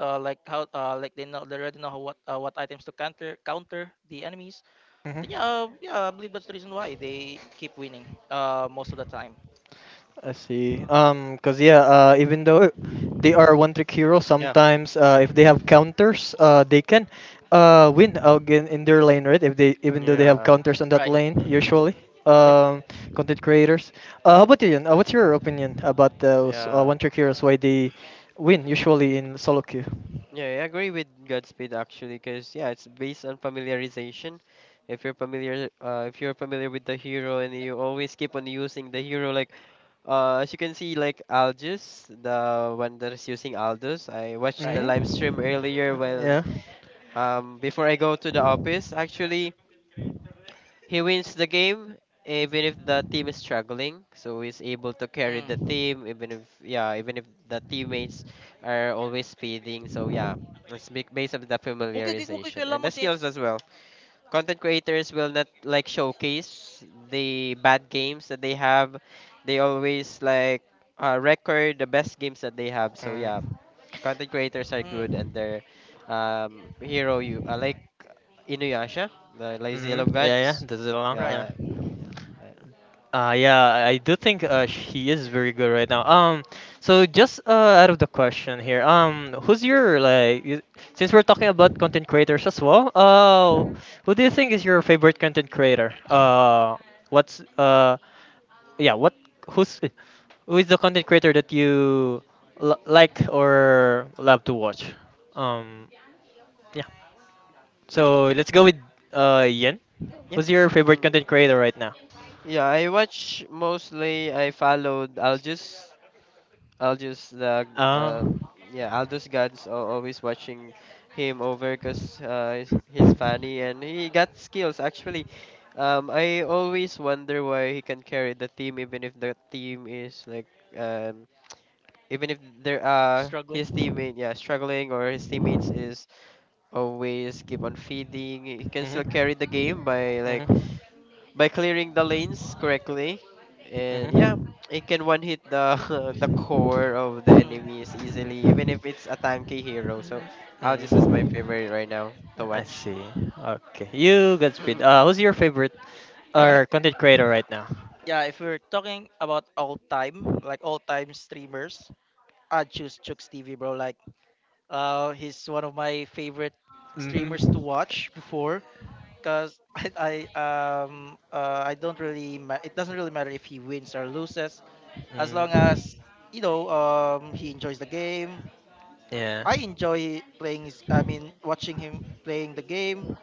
like how like they know they already know how, what items to counter counter the enemies. Then yeah,
mhm.
yeah, I believe that's the reason why they keep winning most of the time.
I see. Cause yeah, even though they are one trick hero,
yeah,
sometimes if they have counters, they can win again in their lane, right? If they even though they have
yeah.
counters on that
Right,
lane, usually.
Yep.
Um, content creators. How about you, Yan? What's your opinion about those
Yeah,
one trick heroes? Why they win usually in solo queue?
yeah, I agree with Godspeed, actually, because yeah, it's based on familiarization. If you're familiar, if you're familiar with the hero and you always keep on using the hero like, uh, as you can see, like Algis, the one that is using Aldous, I watched the
right.
Mm?
live stream earlier when,
Yeah.
before I go to the office. Actually, he wins the game even if the team is struggling. So he's able to carry the
Mm.
team even if, yeah, even if the teammates are always speeding. So yeah, it's big based on the
Okay, okay, okay,
familiarization and
kailangan
the
mag-.
skills as well. Content creators will not like showcase the bad games that they have. They always like record the best games that they have. So yeah,
Mm.
content creators are good, and
Mm.
their hero you like Inuyasha, the Lazy Yellow
Mm. Yeah, yeah.
Gods.
Does it along?
Right.
Yeah.
Yeah, yeah.
Yeah, I do think he is very good right now. So just out of the question here, who's your like? Since we're talking about content creators as well, who do you think is your favorite content creator? What's yeah, what who's who is the content creator that you like or love to watch? Um, yeah.
Mm,
So let's go with Yen.
yep.
Who's your favorite
Mm.
content creator right now?
Yeah, I watch mostly. I followed Aljus. I'll just the uh
Uh
um, yeah, Aldous God's always watching him over, 'cause he's funny and he got skills, actually. I always wonder why he can carry the team even if the team is like, um even if there are
Struggling.
his teammate yeah struggling, or his teammates is always keep on feeding, he can
hmm,
still carry the game by like,
hmm.
by clearing the lanes correctly, and yeah, it can one hit the the core of the
Mm-hmm.
enemies easily even if it's a tanky hero. So Aldous is my
Mm.
favorite right now to
I
watch.
Mm.
see. Okay. You, Godspeed. Who's your favorite
Right.
or content creator right now?
Yeah, if we're talking about all time, like all time streamers, I'd choose Chooks TV, bro. Like, he's one of my favorite streamers to
Mm-hmm.
watch before, cause I don't really it doesn't really matter if he wins or loses, as long
Mm.
as you know he enjoys the game.
Yeah.
I
Mm-hmm.
enjoy playing his, I mean, watching him playing the game.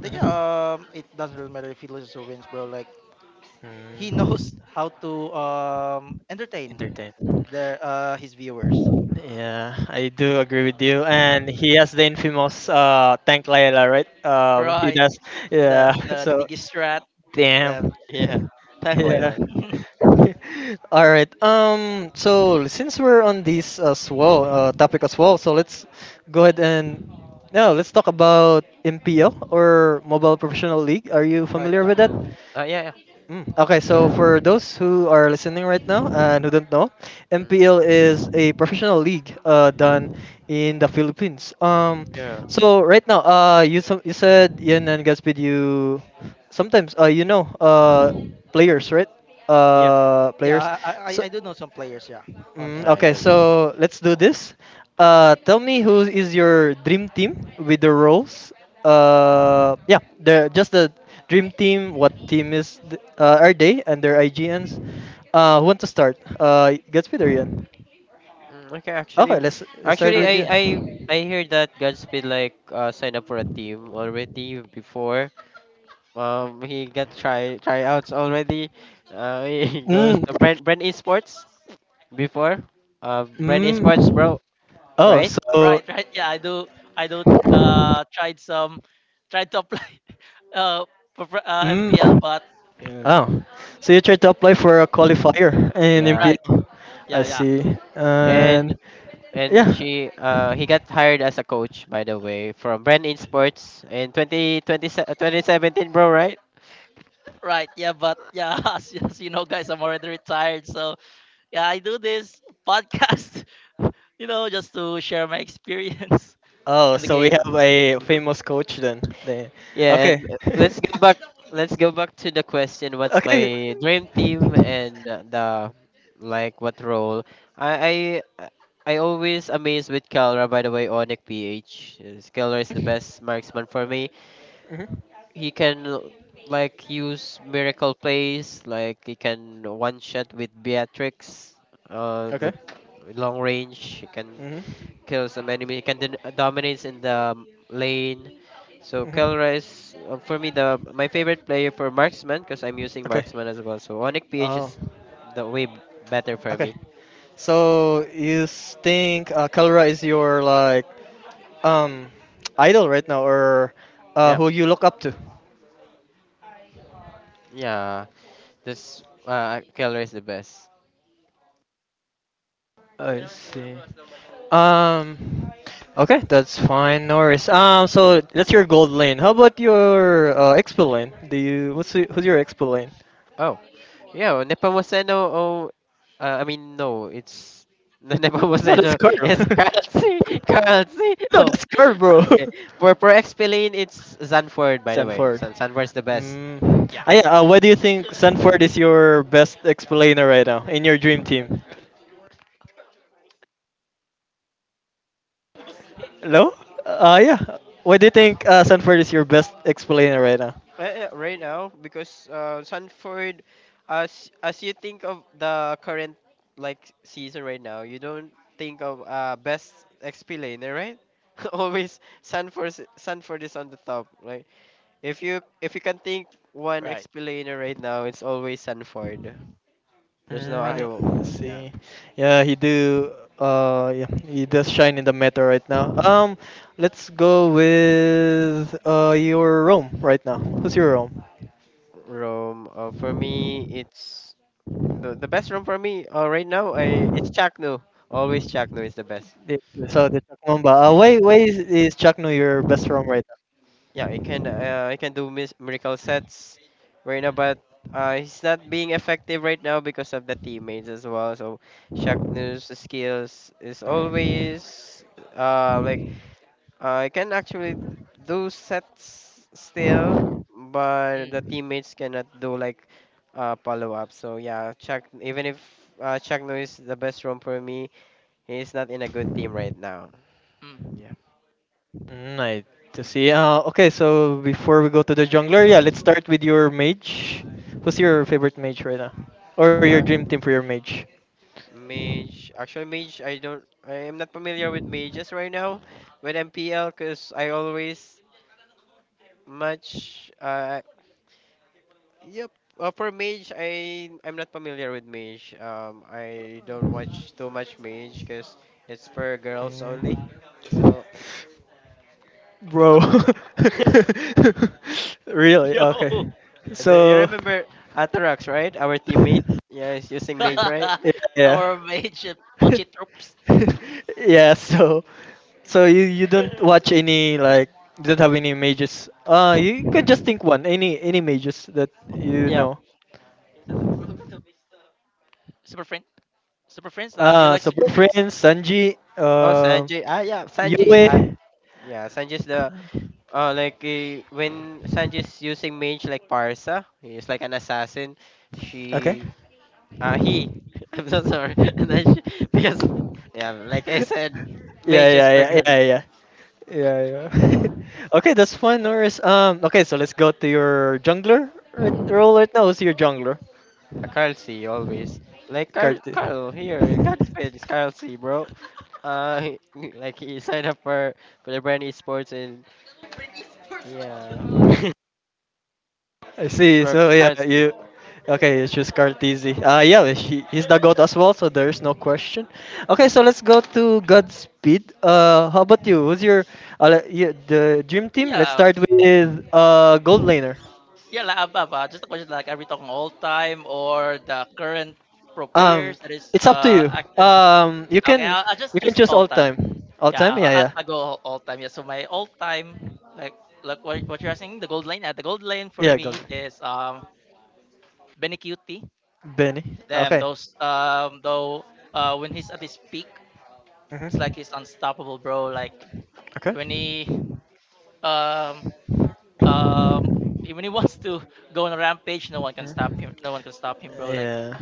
Then yeah, it doesn't really matter if he loses or wins, bro. Like he
Mm.
knows how to entertain
Entertain.
their his viewers.
Yeah, I do agree with you. And he has the infamous tank Layla, right? He
Right.
does. Yeah.
The
So,
digistrat the
damn.
yeah, thank
Yeah.
Layla.
All right. So since we're on this as well, topic as well, so let's go ahead and yeah, let's talk about MPL or Mobile Professional League. Are you
Right,
familiar with
yeah.
that?
Yeah, yeah,
Mm. Okay,
yeah.
so
Okay.
for those who are listening right now and who don't know,
Mm,
MPL is a professional league done in the Philippines.
yeah.
So right now, you said Ian and Gaspid, you sometimes
Mm,
players right
yeah.
players,
Yeah,
so.
I do know some players, yeah, on
Mm,
I
okay,
MPL.
don't know.
so let's do this. Tell me who is your dream team with the roles. Yeah, the just the dream team. What team is are they and their IGNs? Who want to start? Gatsby or Ian?
Mm, okay,
Okay,
actually,
let's
Let's
start
actually
start
with
I
with
you.
Jen.
I I hear that Godspeed like signed up for a team already before. He got tryouts already. He goes
Mm,
to Brand Esports before. Brand Esports,
mm.
bro,
Oh,
right?
so
Right, right. Yeah, I do. I do. Uh, tried some, tried to apply, uh, for,
mm.
MPL, but
Yeah.
Oh, so you tried to apply for a qualifier in
Yeah,
right.
MPL. I
Yeah, yeah.
see,
and
and
and
yeah.
she he got hired as a coach, by the way, from Brand Esports in 2020, 2017, bro, right?
Right. Yeah, but yeah, as you know, guys, I'm already retired. So yeah, I do this podcast, you know, just to share my experience
Oh,
in the
so we have
game.
a famous coach then. The-
Yeah,
Okay.
and let's go back. Let's go back to the question. What's
okay.
my dream team, and the like? What role? I I always amazed with Kelra. By the way, Onic PH. Yes, Kelra is the best marksman for me.
Hmm.
He can like use miracle plays. Like he can one shot with Beatrix. The
Okay.
long range. He can
Hmm.
kills some enemy. He can dominates in the lane. So Kelra
Hmm.
is, for me, the my favorite player for marksman, because I'm using
Okay.
marksman as well. So Onyx PH
Oh.
is the better for
Okay.
me.
So you think Kalra is your like um idol right now, or
Yeah,
who you look up to?
yeah. This Kelra is the best.
I see. Um. Okay, that's fine. No worries. So that's your gold lane. How about your expo lane? Do you what's y- who's your expo lane?
Oh, yeah, well, Nepomuceno. Oh, I mean, no, it's the
No, that's
Nepomuceno
Carl.
is currency currency.
no,
Oh,
that's Carl, bro.
okay. For XP lane, it's Zanford, by the way.
Sanford.
San Zanford's the best.
Mm.
Yeah,
Ah, yeah, why do you think Sanford is your best explainer right now in your dream team? Hello? Uh, yeah. Why do you think Sanford is your best explainer right now?
Right now, because Sanford, as you think of the current like season right now, you don't think of best XP laner, right? Always Sanford is on the top. Like if you can think one
right.
XP laner right now, it's always Sanford. There's no other
Mm,
Right.
one.
let's
Yeah.
see. Yeah, he do. Yeah, he does shine in the meta right now. Let's go with your Rome right now. Who's your Rome?
Rome. For me, it's the best roam for me. Right now, I it's Chakno. Always Chakno is the best.
The- So the Chuck Mamba. Why is Chuck Nu your best Rome right.
Yeah, he can do miracle sets right now, but he's not being effective right now because of the teammates as well. So Shaq News skills is
Mm,
always like he can actually do sets still, but the
Mm,
teammates cannot do like follow up. So yeah, Chuck, even if Chuck News is the best room for me, he's not in a good team right now.
mm.
Yeah.
mm, to see. Okay, so before we go to the jungler, yeah, let's start with your mage. Who's your favorite mage right now, or your dream team for your mage?
Mage, actually. Mage, I am not familiar with mages right now with MPL because I always match. Yep. For mage, I I'm not familiar with mage. I don't watch too much mage because it's for girls only.
Mm.
So
Bro, really?
Yo,
Okay,
the, you
so
remember Atarax, right? Our teammate. Yeah, he's using mage, right?
yeah.
our mage, Pochi Troops.
yeah, so. So you don't watch any like you don't have any mages. You can just think one. Any mages that you
Yeah.
know.
Super Friend. Super Friends. Do you like
So
Super Friends?
Friends, Sanji,
Oh, Sanji. Ah, yeah, Sanji. Ah,
Yue.
yeah, Sanji's the, uh, like, eh, when Sanji's using mage like Parsa, he's like an assassin.
Okay.
She, he. I'm so sorry. And then she, because, yeah, like I said,
yeah,
mage
yeah,
is for
yeah, yeah,
girls.
yeah. Yeah, yeah. okay, that's fine, Norris. Okay, so let's go to your jungler right, role right now. Who's your jungler?
Carl C always. Like Carl,
Karti.
Carl here, Godspeed is Carl C, bro. Uh, he- like he signed up for the brand esports and yeah,
I see. So
for
yeah,
Carl
you
C.
okay? You choose Cartesi. Yeah, well, he's the goat as well. So there's no question. Okay, so let's go to Godspeed. How about you? Who's your the dream team? Let's
Yeah.
start with gold laner.
Yeah, la, above, just a question like, are we talking all time or the current pro
Um,
players that is
it's up to you.
active?
Um, you
Okay,
can
I'll
you
just
can
choose
choose
all
all
time.
time. All
Yeah,
time? Yeah,
I'll go all time. Yeah, so my all time, like what you're
yeah,
asking, the gold lane. The gold lane for
yeah. Gold.
me is Benny Cutie.
Benny.
Damn,
Okay.
those though when he's at his peak, it's
Hmm.
like he's unstoppable, bro. Like
Okay.
when
Mm.
he um um when he wants to go on a rampage, no one can stop him. No one can stop him, bro. Like
Yeah,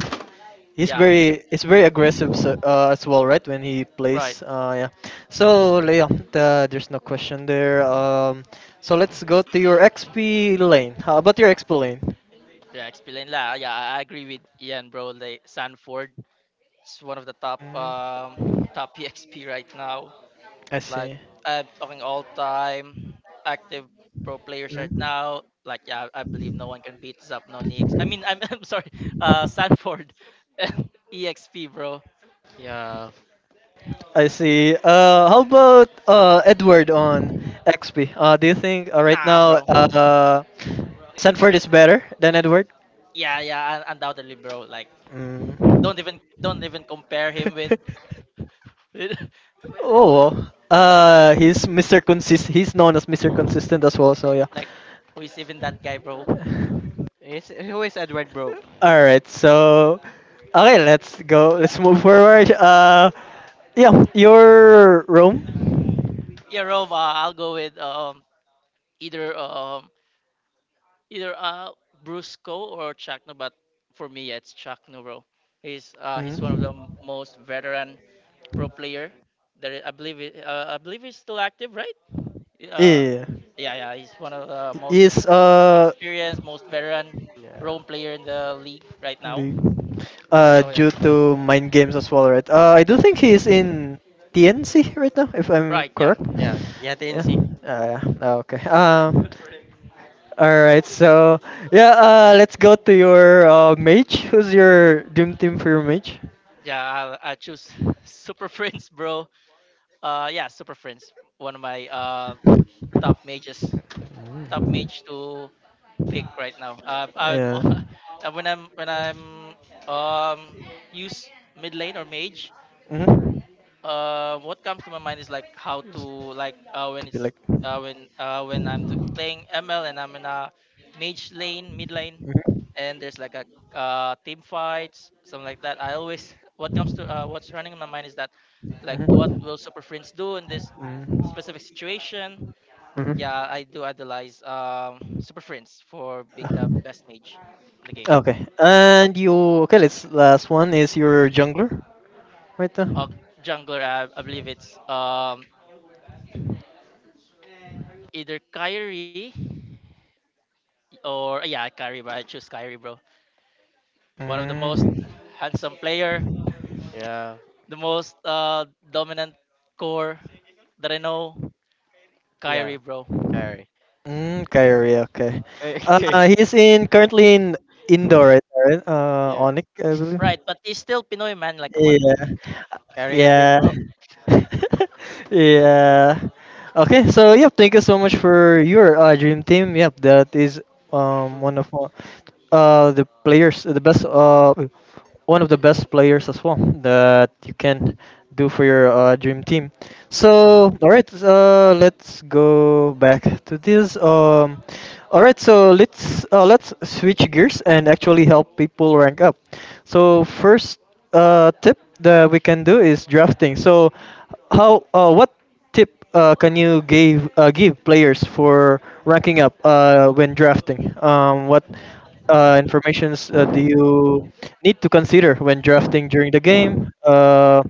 he's Yeah.
yeah,
very it's very aggressive so, as well, right? When he
right.
plays, yeah. So yeah, the, there's no question there. So let's go to your XP lane. How about your XP lane?
Yeah, explain la. Yeah, I agree with Ian, bro. Like Sanford is one of the top
Mm,
top PXP right now.
I
Like
see.
I'm talking all time active pro players right
Mm.
now. Like yeah, I believe no one can beat Zapno Nix. I mean, I'm, I'm sorry, Sanford, EXP, bro.
Yeah,
I see. How about Edward on XP? Do you think right
Nah,
now
bro.
Sanford is better than Edward.
Yeah, yeah, undoubtedly, bro. Like
Mm.
don't even compare him with
oh,
right.
he's Mr. Consist. He's known as Mr. Consistent as well. So yeah.
Like who is even that guy, bro?
it's who is Edward, bro?
All right. So, okay, let's go. Let's move forward. Yeah, your Rome.
Yeah, Roma. I'll go with either um either Brusco or Chacno, but for me, yeah, it's Chacno, bro. He's one of the
Mm.
most veteran pro player. There, I believe it, I believe he's still active, right? Uh,
Yeah,
yeah, yeah, he's one of the most
he's.
experienced, most veteran
Yeah.
Rome player in the league right now.
League.
Mhm.
Uh,
So yeah,
due to mind games as well, right? I do think he's in TNC right now, if I'm
right, yeah,
Yeah,
correct.
yeah, yeah,
Yeah.
TNC.
Yeah. Okay. All right. So yeah. Let's go to your mage. Who's your dream team for your mage?
yeah. I choose Super Friends, bro. Yeah, Super Friends, one of my
Mm.
top mages, top mage to pick right now. I'm
Yeah.
when I'm um use mid lane or mage.
Mm-hmm.
What comes to my mind is like how to like when
To be
it's
like.
when I'm playing ML and I'm in a mage lane, mid lane,
Mhm.
and there's like a team fights, something like that. I always what comes to what's running in my mind is that like
Mhm.
what will super friends do in this specific situation.
Mhm.
Yeah, I do idolize Super Friends for being the
Mhm.
best mage in the game.
Okay. And you okay? Let's last one is your jungler, right there.
Uh, jungler, I believe it's either Kyrie or yeah Kyrie, bro. I choose Kyrie, bro. One of the most
Mm.
handsome player,
Yeah.
the most dominant core that I know,
Yeah,
Kyrie, bro.
career.
Mm, Kyrie, okay.
Ca- ca-
He's in currently in indoor, right? Right?
yeah,
Onyx, I believe.
Right, but he's still Pinoy man, like come
Yeah,
on.
career being
yeah.
broke.
yeah. Okay, so yep, thank you so much for your dream team. Yep, that is one of the players, the best one of the best players as well that you can do for your dream team.
Mm-hmm.
So, all right, let's go back to this. All right, so let's switch gears and actually help people rank up. So, first tip that we can do is drafting. So, how what tip can you give give players for ranking up when drafting? What informations do you need to consider when drafting during the game?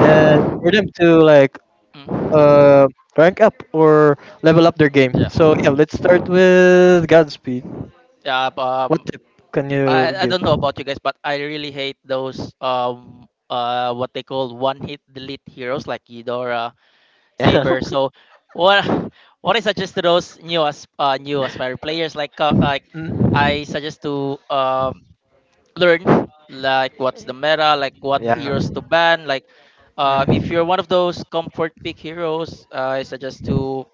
And for them to like
Mm.
uh, rank up or level up their
Yeah,
game. So yeah, let's start with Godspeed.
yeah.
What
Um,
tip can you
I I
give?
don't know about you guys, but I really hate those what they call one hit delete heroes like Eudora,
Yeah,
Saber. So what what I suggest to those new aspiring players like
Mm.
I suggest to learn like what's the meta, like what
yeah,
heroes to
Mm.
ban, like if you're one of those comfort pick heroes,
Mhm.
I suggest to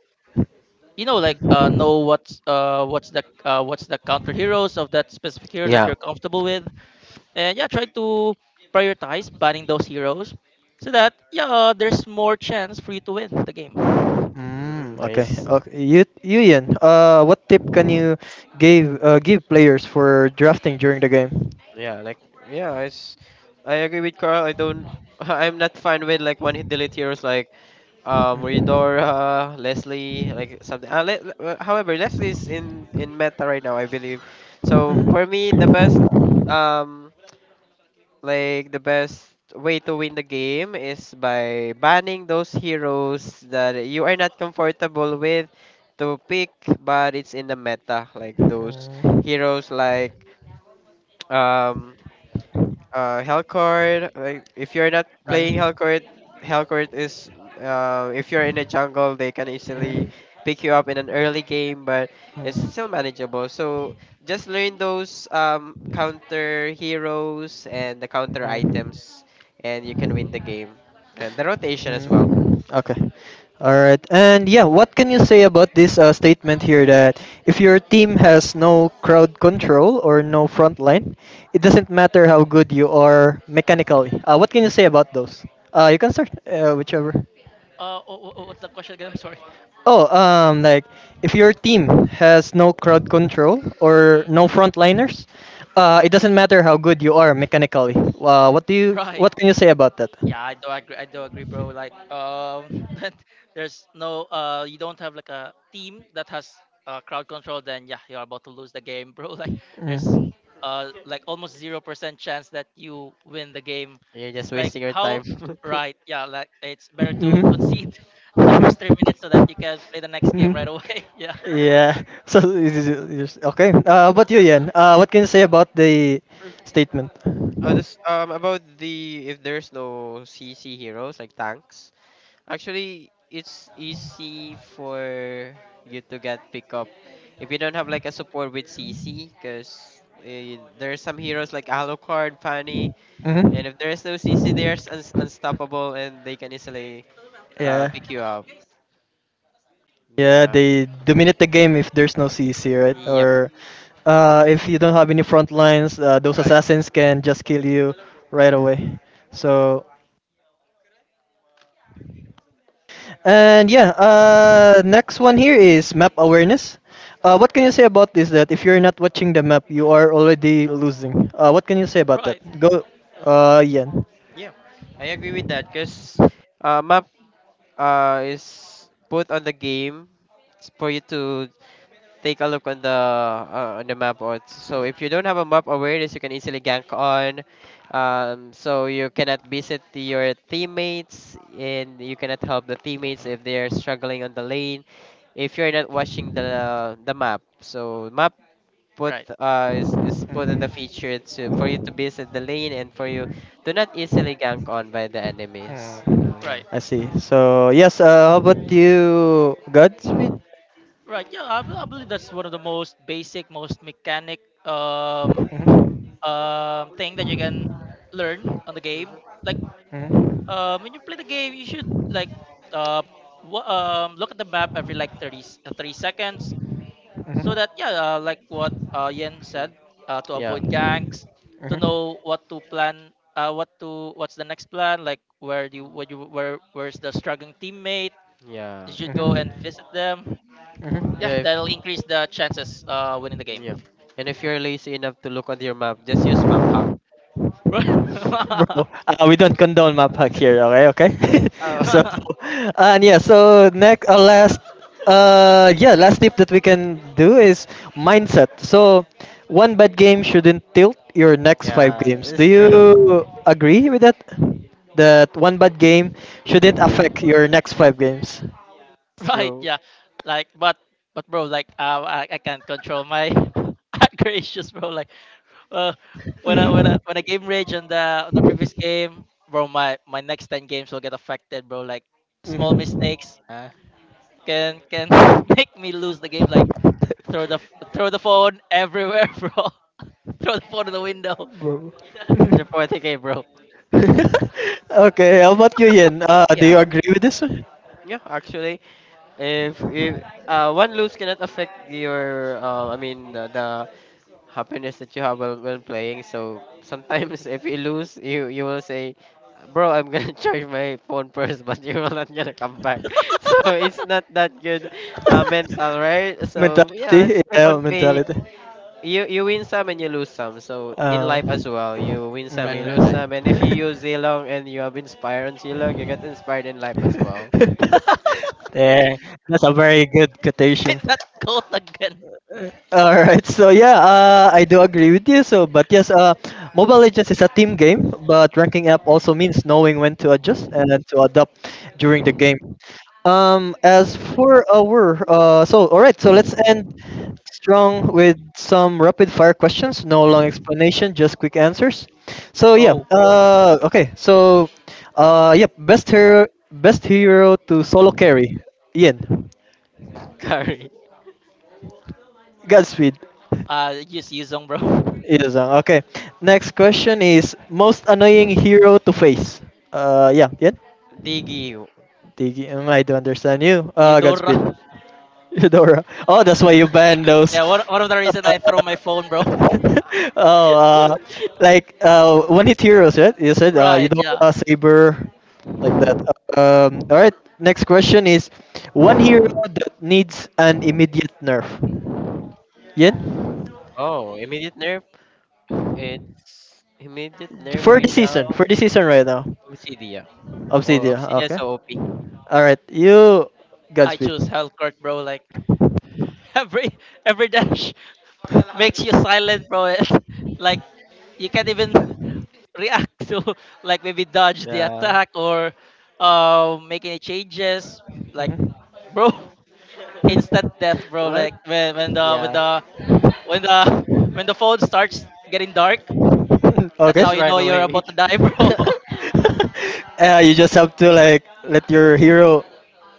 you know like know what's the counter heroes of that specific hero that
yeah.
you're comfortable with, and yeah, try to prioritize banning those heroes so that yeah there's more chance for you to win the game.
Hmm.
Mm, okay.
Nice.
Okay. You, Ian, what tip can you give give players for drafting during the game?
Yeah, like, yeah, it's. I agree with Carl. I don't. I'm not fine with like one hit delete heroes like
Mhm.
Redora, Leslie, like something. However, Leslie's
Mhm.
in meta right now, I believe. So for me, the best um like the best way to win the game is by banning those heroes that you are not comfortable with to pick, but it's in the meta. Like those heroes like um Hellcourt. Like if you're not
Right.
playing Hellcourt, Hellcourt is, if you're in the jungle, they can easily pick you up in an early game, but it's still manageable. So just learn those
Mm, mm,
counter heroes and the
mm, mm.
counter
Mm.
items, and you can win the game. And the rotation as well.
Mm. Okay. All right. And yeah, what can you say about this statement here that if your team has no crowd control or no front line, it doesn't matter how good you are mechanically. What can you say about those? You can start whichever.
What's the question again? I'm sorry.
Oh, like if your team has no crowd control or
Mm,
no frontliners, it doesn't matter how good you are mechanically. What do you?
right.
What can you say about that?
Yeah, I do agree bro, like that there's no you don't have like a team that has crowd control, then yeah, you're about to lose the game, bro. Like there's
Mm.
like almost 0% chance that you win the game.
You're just
Like
wasting your
how?
time.
Right. Yeah, like it's better to concede
Mhm.
at the first 3 minutes so that you can play the next game right
Mhm.
away. Yeah.
Yeah. So okay. But you, Yan, what can you say about the
Mm.
statement?
Oh, this about the if there's no CC heroes like tanks. Actually, it's easy for you to get pick up if you don't have like a support with CC, because there are some heroes like Alucard, Fanny,
Hmm.
and if there is no CC, they are unstoppable, and they can easily
Yeah.
pick you up.
Yeah,
Yeah.
they dominate the game if there's no CC, right?
Yep.
Or if you don't have any front lines, those
right
assassins can just kill you right away. So, and yeah, next one here is map awareness. What can you say about this? That if you're not watching the map, you are already losing. What can you say about that?
right
Go, Ian.
Yeah. I agree with that because map is put on the game for you to take a look on the map. Or so if you don't have a map awareness, you can easily gank on, so you cannot visit your teammates, and you cannot help the teammates if they're struggling on the lane, if you're not watching the map. So map put
right
is put in the feature to for you to visit the lane and for you to not easily gank on by the enemies.
Hmm.
So yeah.
right
I see. So yes, how about you, Godspeed?
right Yeah, I believe that's one of the most basic most mechanic um
Mhm.
thing that you can learn on the game.
Hmm.
Like
Mhm.
um, when you play the game you should like uh look at the map every like 30 seconds, so that
Mhm.
yeah like what Yen said,
Mm.
to
Yeah,
avoid gangs, to
Mhm.
know what to plan, what's the next plan, like where do you what you where where's the struggling teammate. You
yeah,
should go and visit them. Yeah,
yeah, if.
that'll increase the chances winning
Mhm.
the game.
Yeah. And if
Mhm.
you're lazy enough to look on your map, just use map hack.
Right.
Bro. We don't condone map hack here. Okay, okay.
Oh,
so, and yeah. So next, yeah, last tip that we can do is mindset. So, one bad game shouldn't tilt your next five
yeah,
games. Do
it's true.
you agree with that? That one bad game shouldn't affect your next five games.
It's
Right.
true.
Yeah, like but bro like I can't control my gracious bro, like. Well, when I
Mm-hmm.
game rage on the previous game, bro, my next 10 games will get affected, bro. Like small mistakes
Uh,
can make me lose the game. Like throw the throw the phone everywhere, bro. Throw the phone in the window.
bro.
it's a 40k, bro.
okay, how about you, Yin? Do you
Yeah.
agree with this one?
Yeah, actually, if one lose cannot affect your I mean, the happiness that you have while playing. So sometimes if you lose, you will say, "Bro, I'm gonna charge my phone first," but you will not gonna come back. So it's not that good, mental, right? So yeah, let's
mentality,
keep
yeah,
on playing.
mentality.
You win some and you lose some. So in
Uh,
life as well, you win some, you
Right, right,
lose
right.
mm.
some, and if you use Zilong and you have inspired on Zilong, you get inspired in life as well.
there, that's a very good
Wait,
quotation.
that goat again.
All right, so yeah, I do agree with you. So, but yes, Mobile Legends is a team game, but ranking up also means knowing when to adjust and then to adapt during the game. As for our so all right, so let's end strong with some rapid fire questions, no long explanation, just quick answers. So yeah,
Go.
okay. So uh, yep, best hero, best hero to solo carry. Ian,
Carry.
Godspeed.
Use Yuzong, bro.
Ian-san. Okay. Next question is most annoying hero to face. Yeah, Ian.
Diggy.
Tiki, I do understand you.
Eudora.
Godspeed. Eudora. Oh, that's why you banned those.
Yeah, one of the reason I throw my phone, bro.
oh, like one hit heroes, right? You said you
Right.
don't
Yeah,
saber like that. All right. Next question is one hero that needs an immediate nerf. Yen,
Oh, immediate nerf. It's immediate nerf right now.
for this season right now,
Obsidia. Oh,
Obsidia.
Obsidia is
Okay.
so OP.
All right. You,
I
Godspeed.
choose Hell, bro. Like every dash makes you silent, bro. It's like you can't even react to, like, maybe dodge the
Yeah.
attack or make any changes. Like,
Mhm.
bro, instant death, bro.
What?
Like when the when
Yeah.
the when the when the phone starts getting dark, that's
okay.
how
Just
you know
run
you're about
away.
to die, bro.
You just have to like let your hero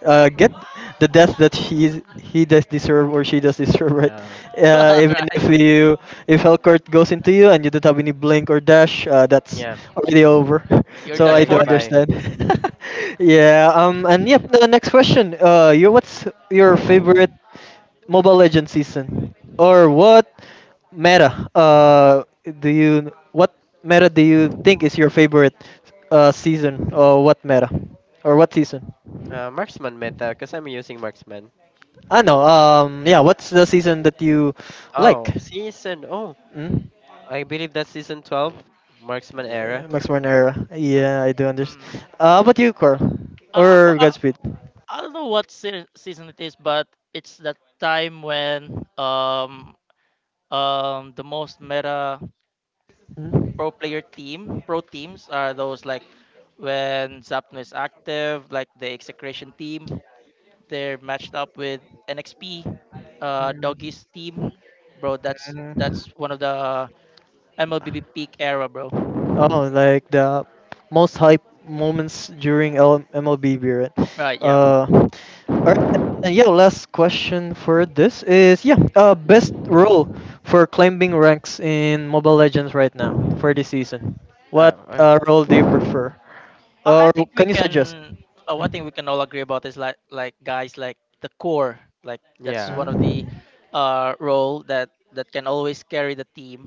get the death that he does deserve or she does deserve, right?
Yeah.
Even
Right,
if you if Hellcourt goes into you and you don't have any blink or dash, that's
Yeah.
already over.
you're
You're
So
done
I
gonna
do
go
for.
by,
understand. yeah. And yep. The next question. You. What's your favorite? Mobile Legends season? Or what meta do you what meta do you think is your favorite season or what meta or what season?
marksman meta, because I'm using marksman.
I know. Yeah, what's the season that you like?
Oh, season. Oh,
Mm?
I believe that's season 12, Marksman era.
Max Born era. Yeah, I do understand.
Hmm.
How about you, Carl?
Uh, but,
Or
uh,
Godspeed?
I don't know what season it is, but it's the time when the most meta
Mm?
pro player team, pro teams are those like when Zapno is active, like the execration team, they're matched up with NXP, Doggy's team, bro. That's one of the MLBB
Mm.
peak era, bro.
Oh, like the most hype moments during L- MLB period.
Right? Yeah.
All right. And yeah, last question for this is yeah, best role for climbing ranks in Mobile Legends right now for this season. What
Oh, oh,
role do you prefer,
I
or
think we
can you
can.
suggest?
One thing we can all agree about is like guys, like the core. Like that's one
yeah.
of the
Mm,
role that can always carry the team.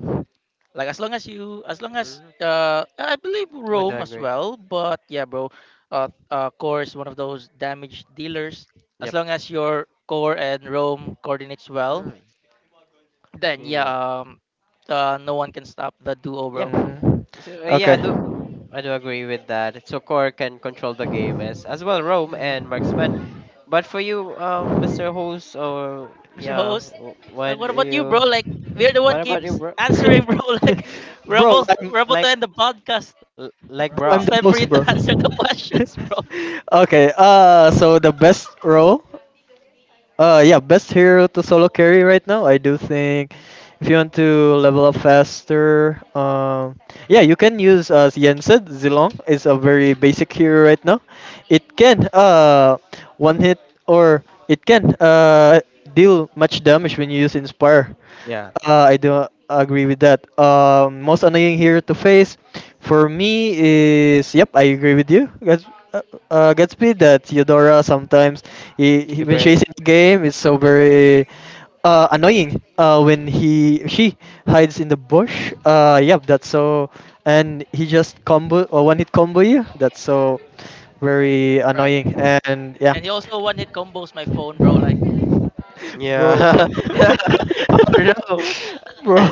Like as long as you, as long as
Mm,
I believe
I do
Rome as
agree.
well. But yeah, bro, core is one of those damage dealers. As
Yep.
long as your core and Rome coordinates well,
Mm,
then
yeah.
yeah, no one can stop the duo,
Yeah.
bro.
mm,
So, yeah, I
okay.
do. I do agree with that. So core can control the game, as well, Rome and
Mm.
Marksman. But for you, Mr. Host, or
I'm your
yeah,
host. Like,
what
what
do
about you, bro?
you?
Like, we're the one
What about you,
keeps
bro?
answering, bro. Like,
Bro, I'm,
we're about to
Like,
end the podcast.
like, bro.
It's
I'm
time
the
for you
most
to
bro.
answer the questions, bro.
okay, so the best role yeah, best hero to solo carry right now. I do think if you want to level up faster, yeah, you can use as Yen said, Zilong is a very basic hero right now. It can one hit or it can deal much damage when you use Inspire.
Yeah.
I do agree with that. Most annoying hero to face for me is yep, I agree with you. Uh, Gatsby that Theodora sometimes
You
when
bear-
she's in the game it's so very annoying when he she hides in the bush. Yep, that's so. And he just combo or one hit combo you. That's so very
Right.
annoying. And yeah,
And he also one hit combos my phone, bro. Like,
bro.
Yeah. oh, no.
bro.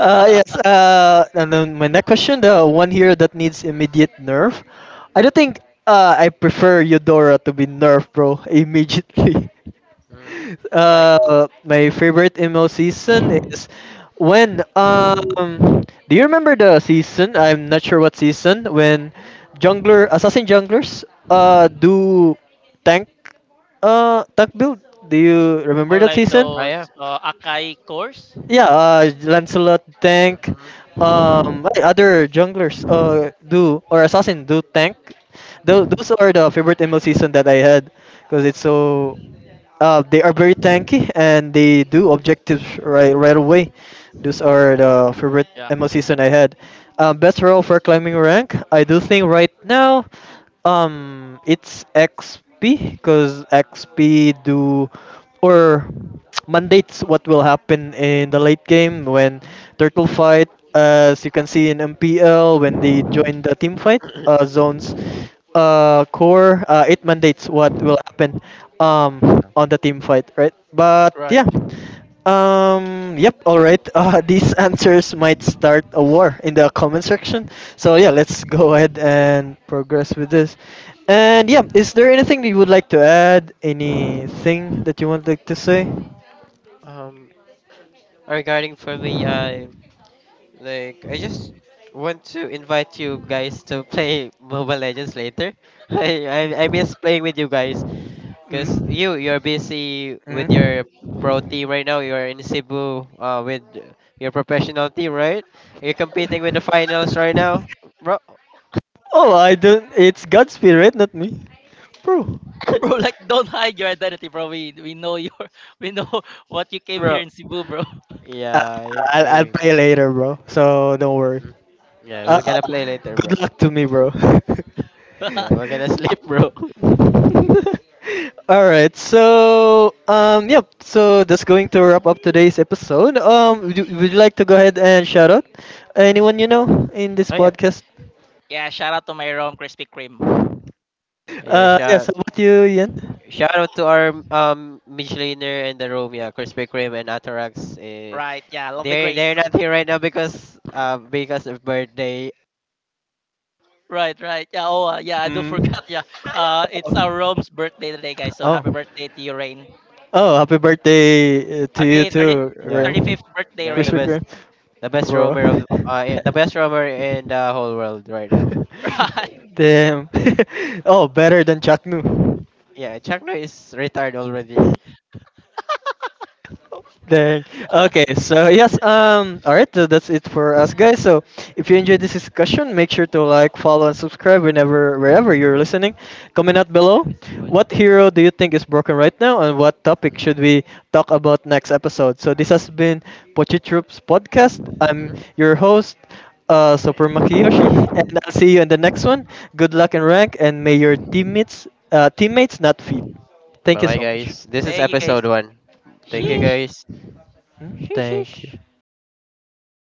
Yes. And then my next question, the one here that needs immediate nerf. I don't think I prefer Eudora to be nerfed, bro, immediately.
Hmm.
right.
My favorite ML season is when. Do you remember the season? I'm not sure what season when junglers do tank tank build. Do you remember
Or
that
like
season?
Oh,
those
yeah.
Akai cores.
Yeah, Lancelot tank.
Hmm.
What other junglers do or assassin do tank. Those are the favorite ML season that I had because it's so. They are very tanky and they do objectives right right away. Those are the favorite
Yeah.
MO season I had. Best role for climbing rank. I do think right now, it's XP because XP do or mandates what will happen in the late game when turtle fight. As you can see in MPL, when they join the team fight zones, core it mandates what will happen. On the team fight, right? But
Right.
yeah, yep, all right. These answers might start a war in the comment section. So yeah, let's go ahead and progress with this. And yeah, is there anything that you would like to add? Anything that you would like to say?
Um, regarding, for me, I like, I just want to invite you guys to play Mobile Legends later. I miss playing with you guys because
Mm?
you you're busy with
Mm?
your pro team right now. You're in Cebu, with your professional team, right? You're competing with the finals right now, bro.
Oh, I don't. It's Godspeed, right? Not me, bro.
Bro, like, don't hide your identity, bro. We know your we know what you came here
Bro,
in Cebu, bro.
Uh,
yeah, you
I'll
gaming.
play later, bro. So don't worry.
Mm. Yeah,
Uh,
we're gonna play later, bro.
good luck to me, bro.
Yeah, we're gonna sleep, bro.
All right. So, yep. So that's going to wrap up today's episode. Would you like to go ahead and shout out anyone you know in this
Oh, yeah,
podcast?
Yeah. Shout out to my rom Krispy Kreme.
oh, yeah.
Yes. How about you, Ian?
Shout out to our Michelaner and the Romeo, Krispy Kreme and Atarax.
Right. Yeah. Love the grace.
They're not here right now because of birthday.
Right, right. Yeah, oh, yeah, I do
Mm.
forgot. Yeah. It's our
Oh.
Rome's birthday today, guys. So
Oh,
happy birthday to you, Rain.
Oh, happy birthday to you
Happy
too,
Yeah,
Rim.
35th birthday,
the
Rain.
Krispy
best,
Kreme,
the best
bro.
roamer of, yeah, the best roamer in the whole world right now.
Right.
Damn. oh, better than Chaknu.
Yeah, Chuck Norris is retired already.
Dang. Okay, so yes, all right, so that's it for us guys. So if you enjoyed this discussion, make sure to like, follow and subscribe whenever wherever you're listening. Comment out below. What hero do you think is broken right now and what topic should we talk about next episode? So this has been Pochi Troops podcast. I'm your host Super Makiyoshi, and I'll see you in the next one. Good luck and rank, and may your teammates not feed. Thank
Bye
you
bye,
so much.
guys. This is
Thank you, guys.
episode one. Thank you,
Mhm.
Sheesh.
guys.
Mm. Thank you.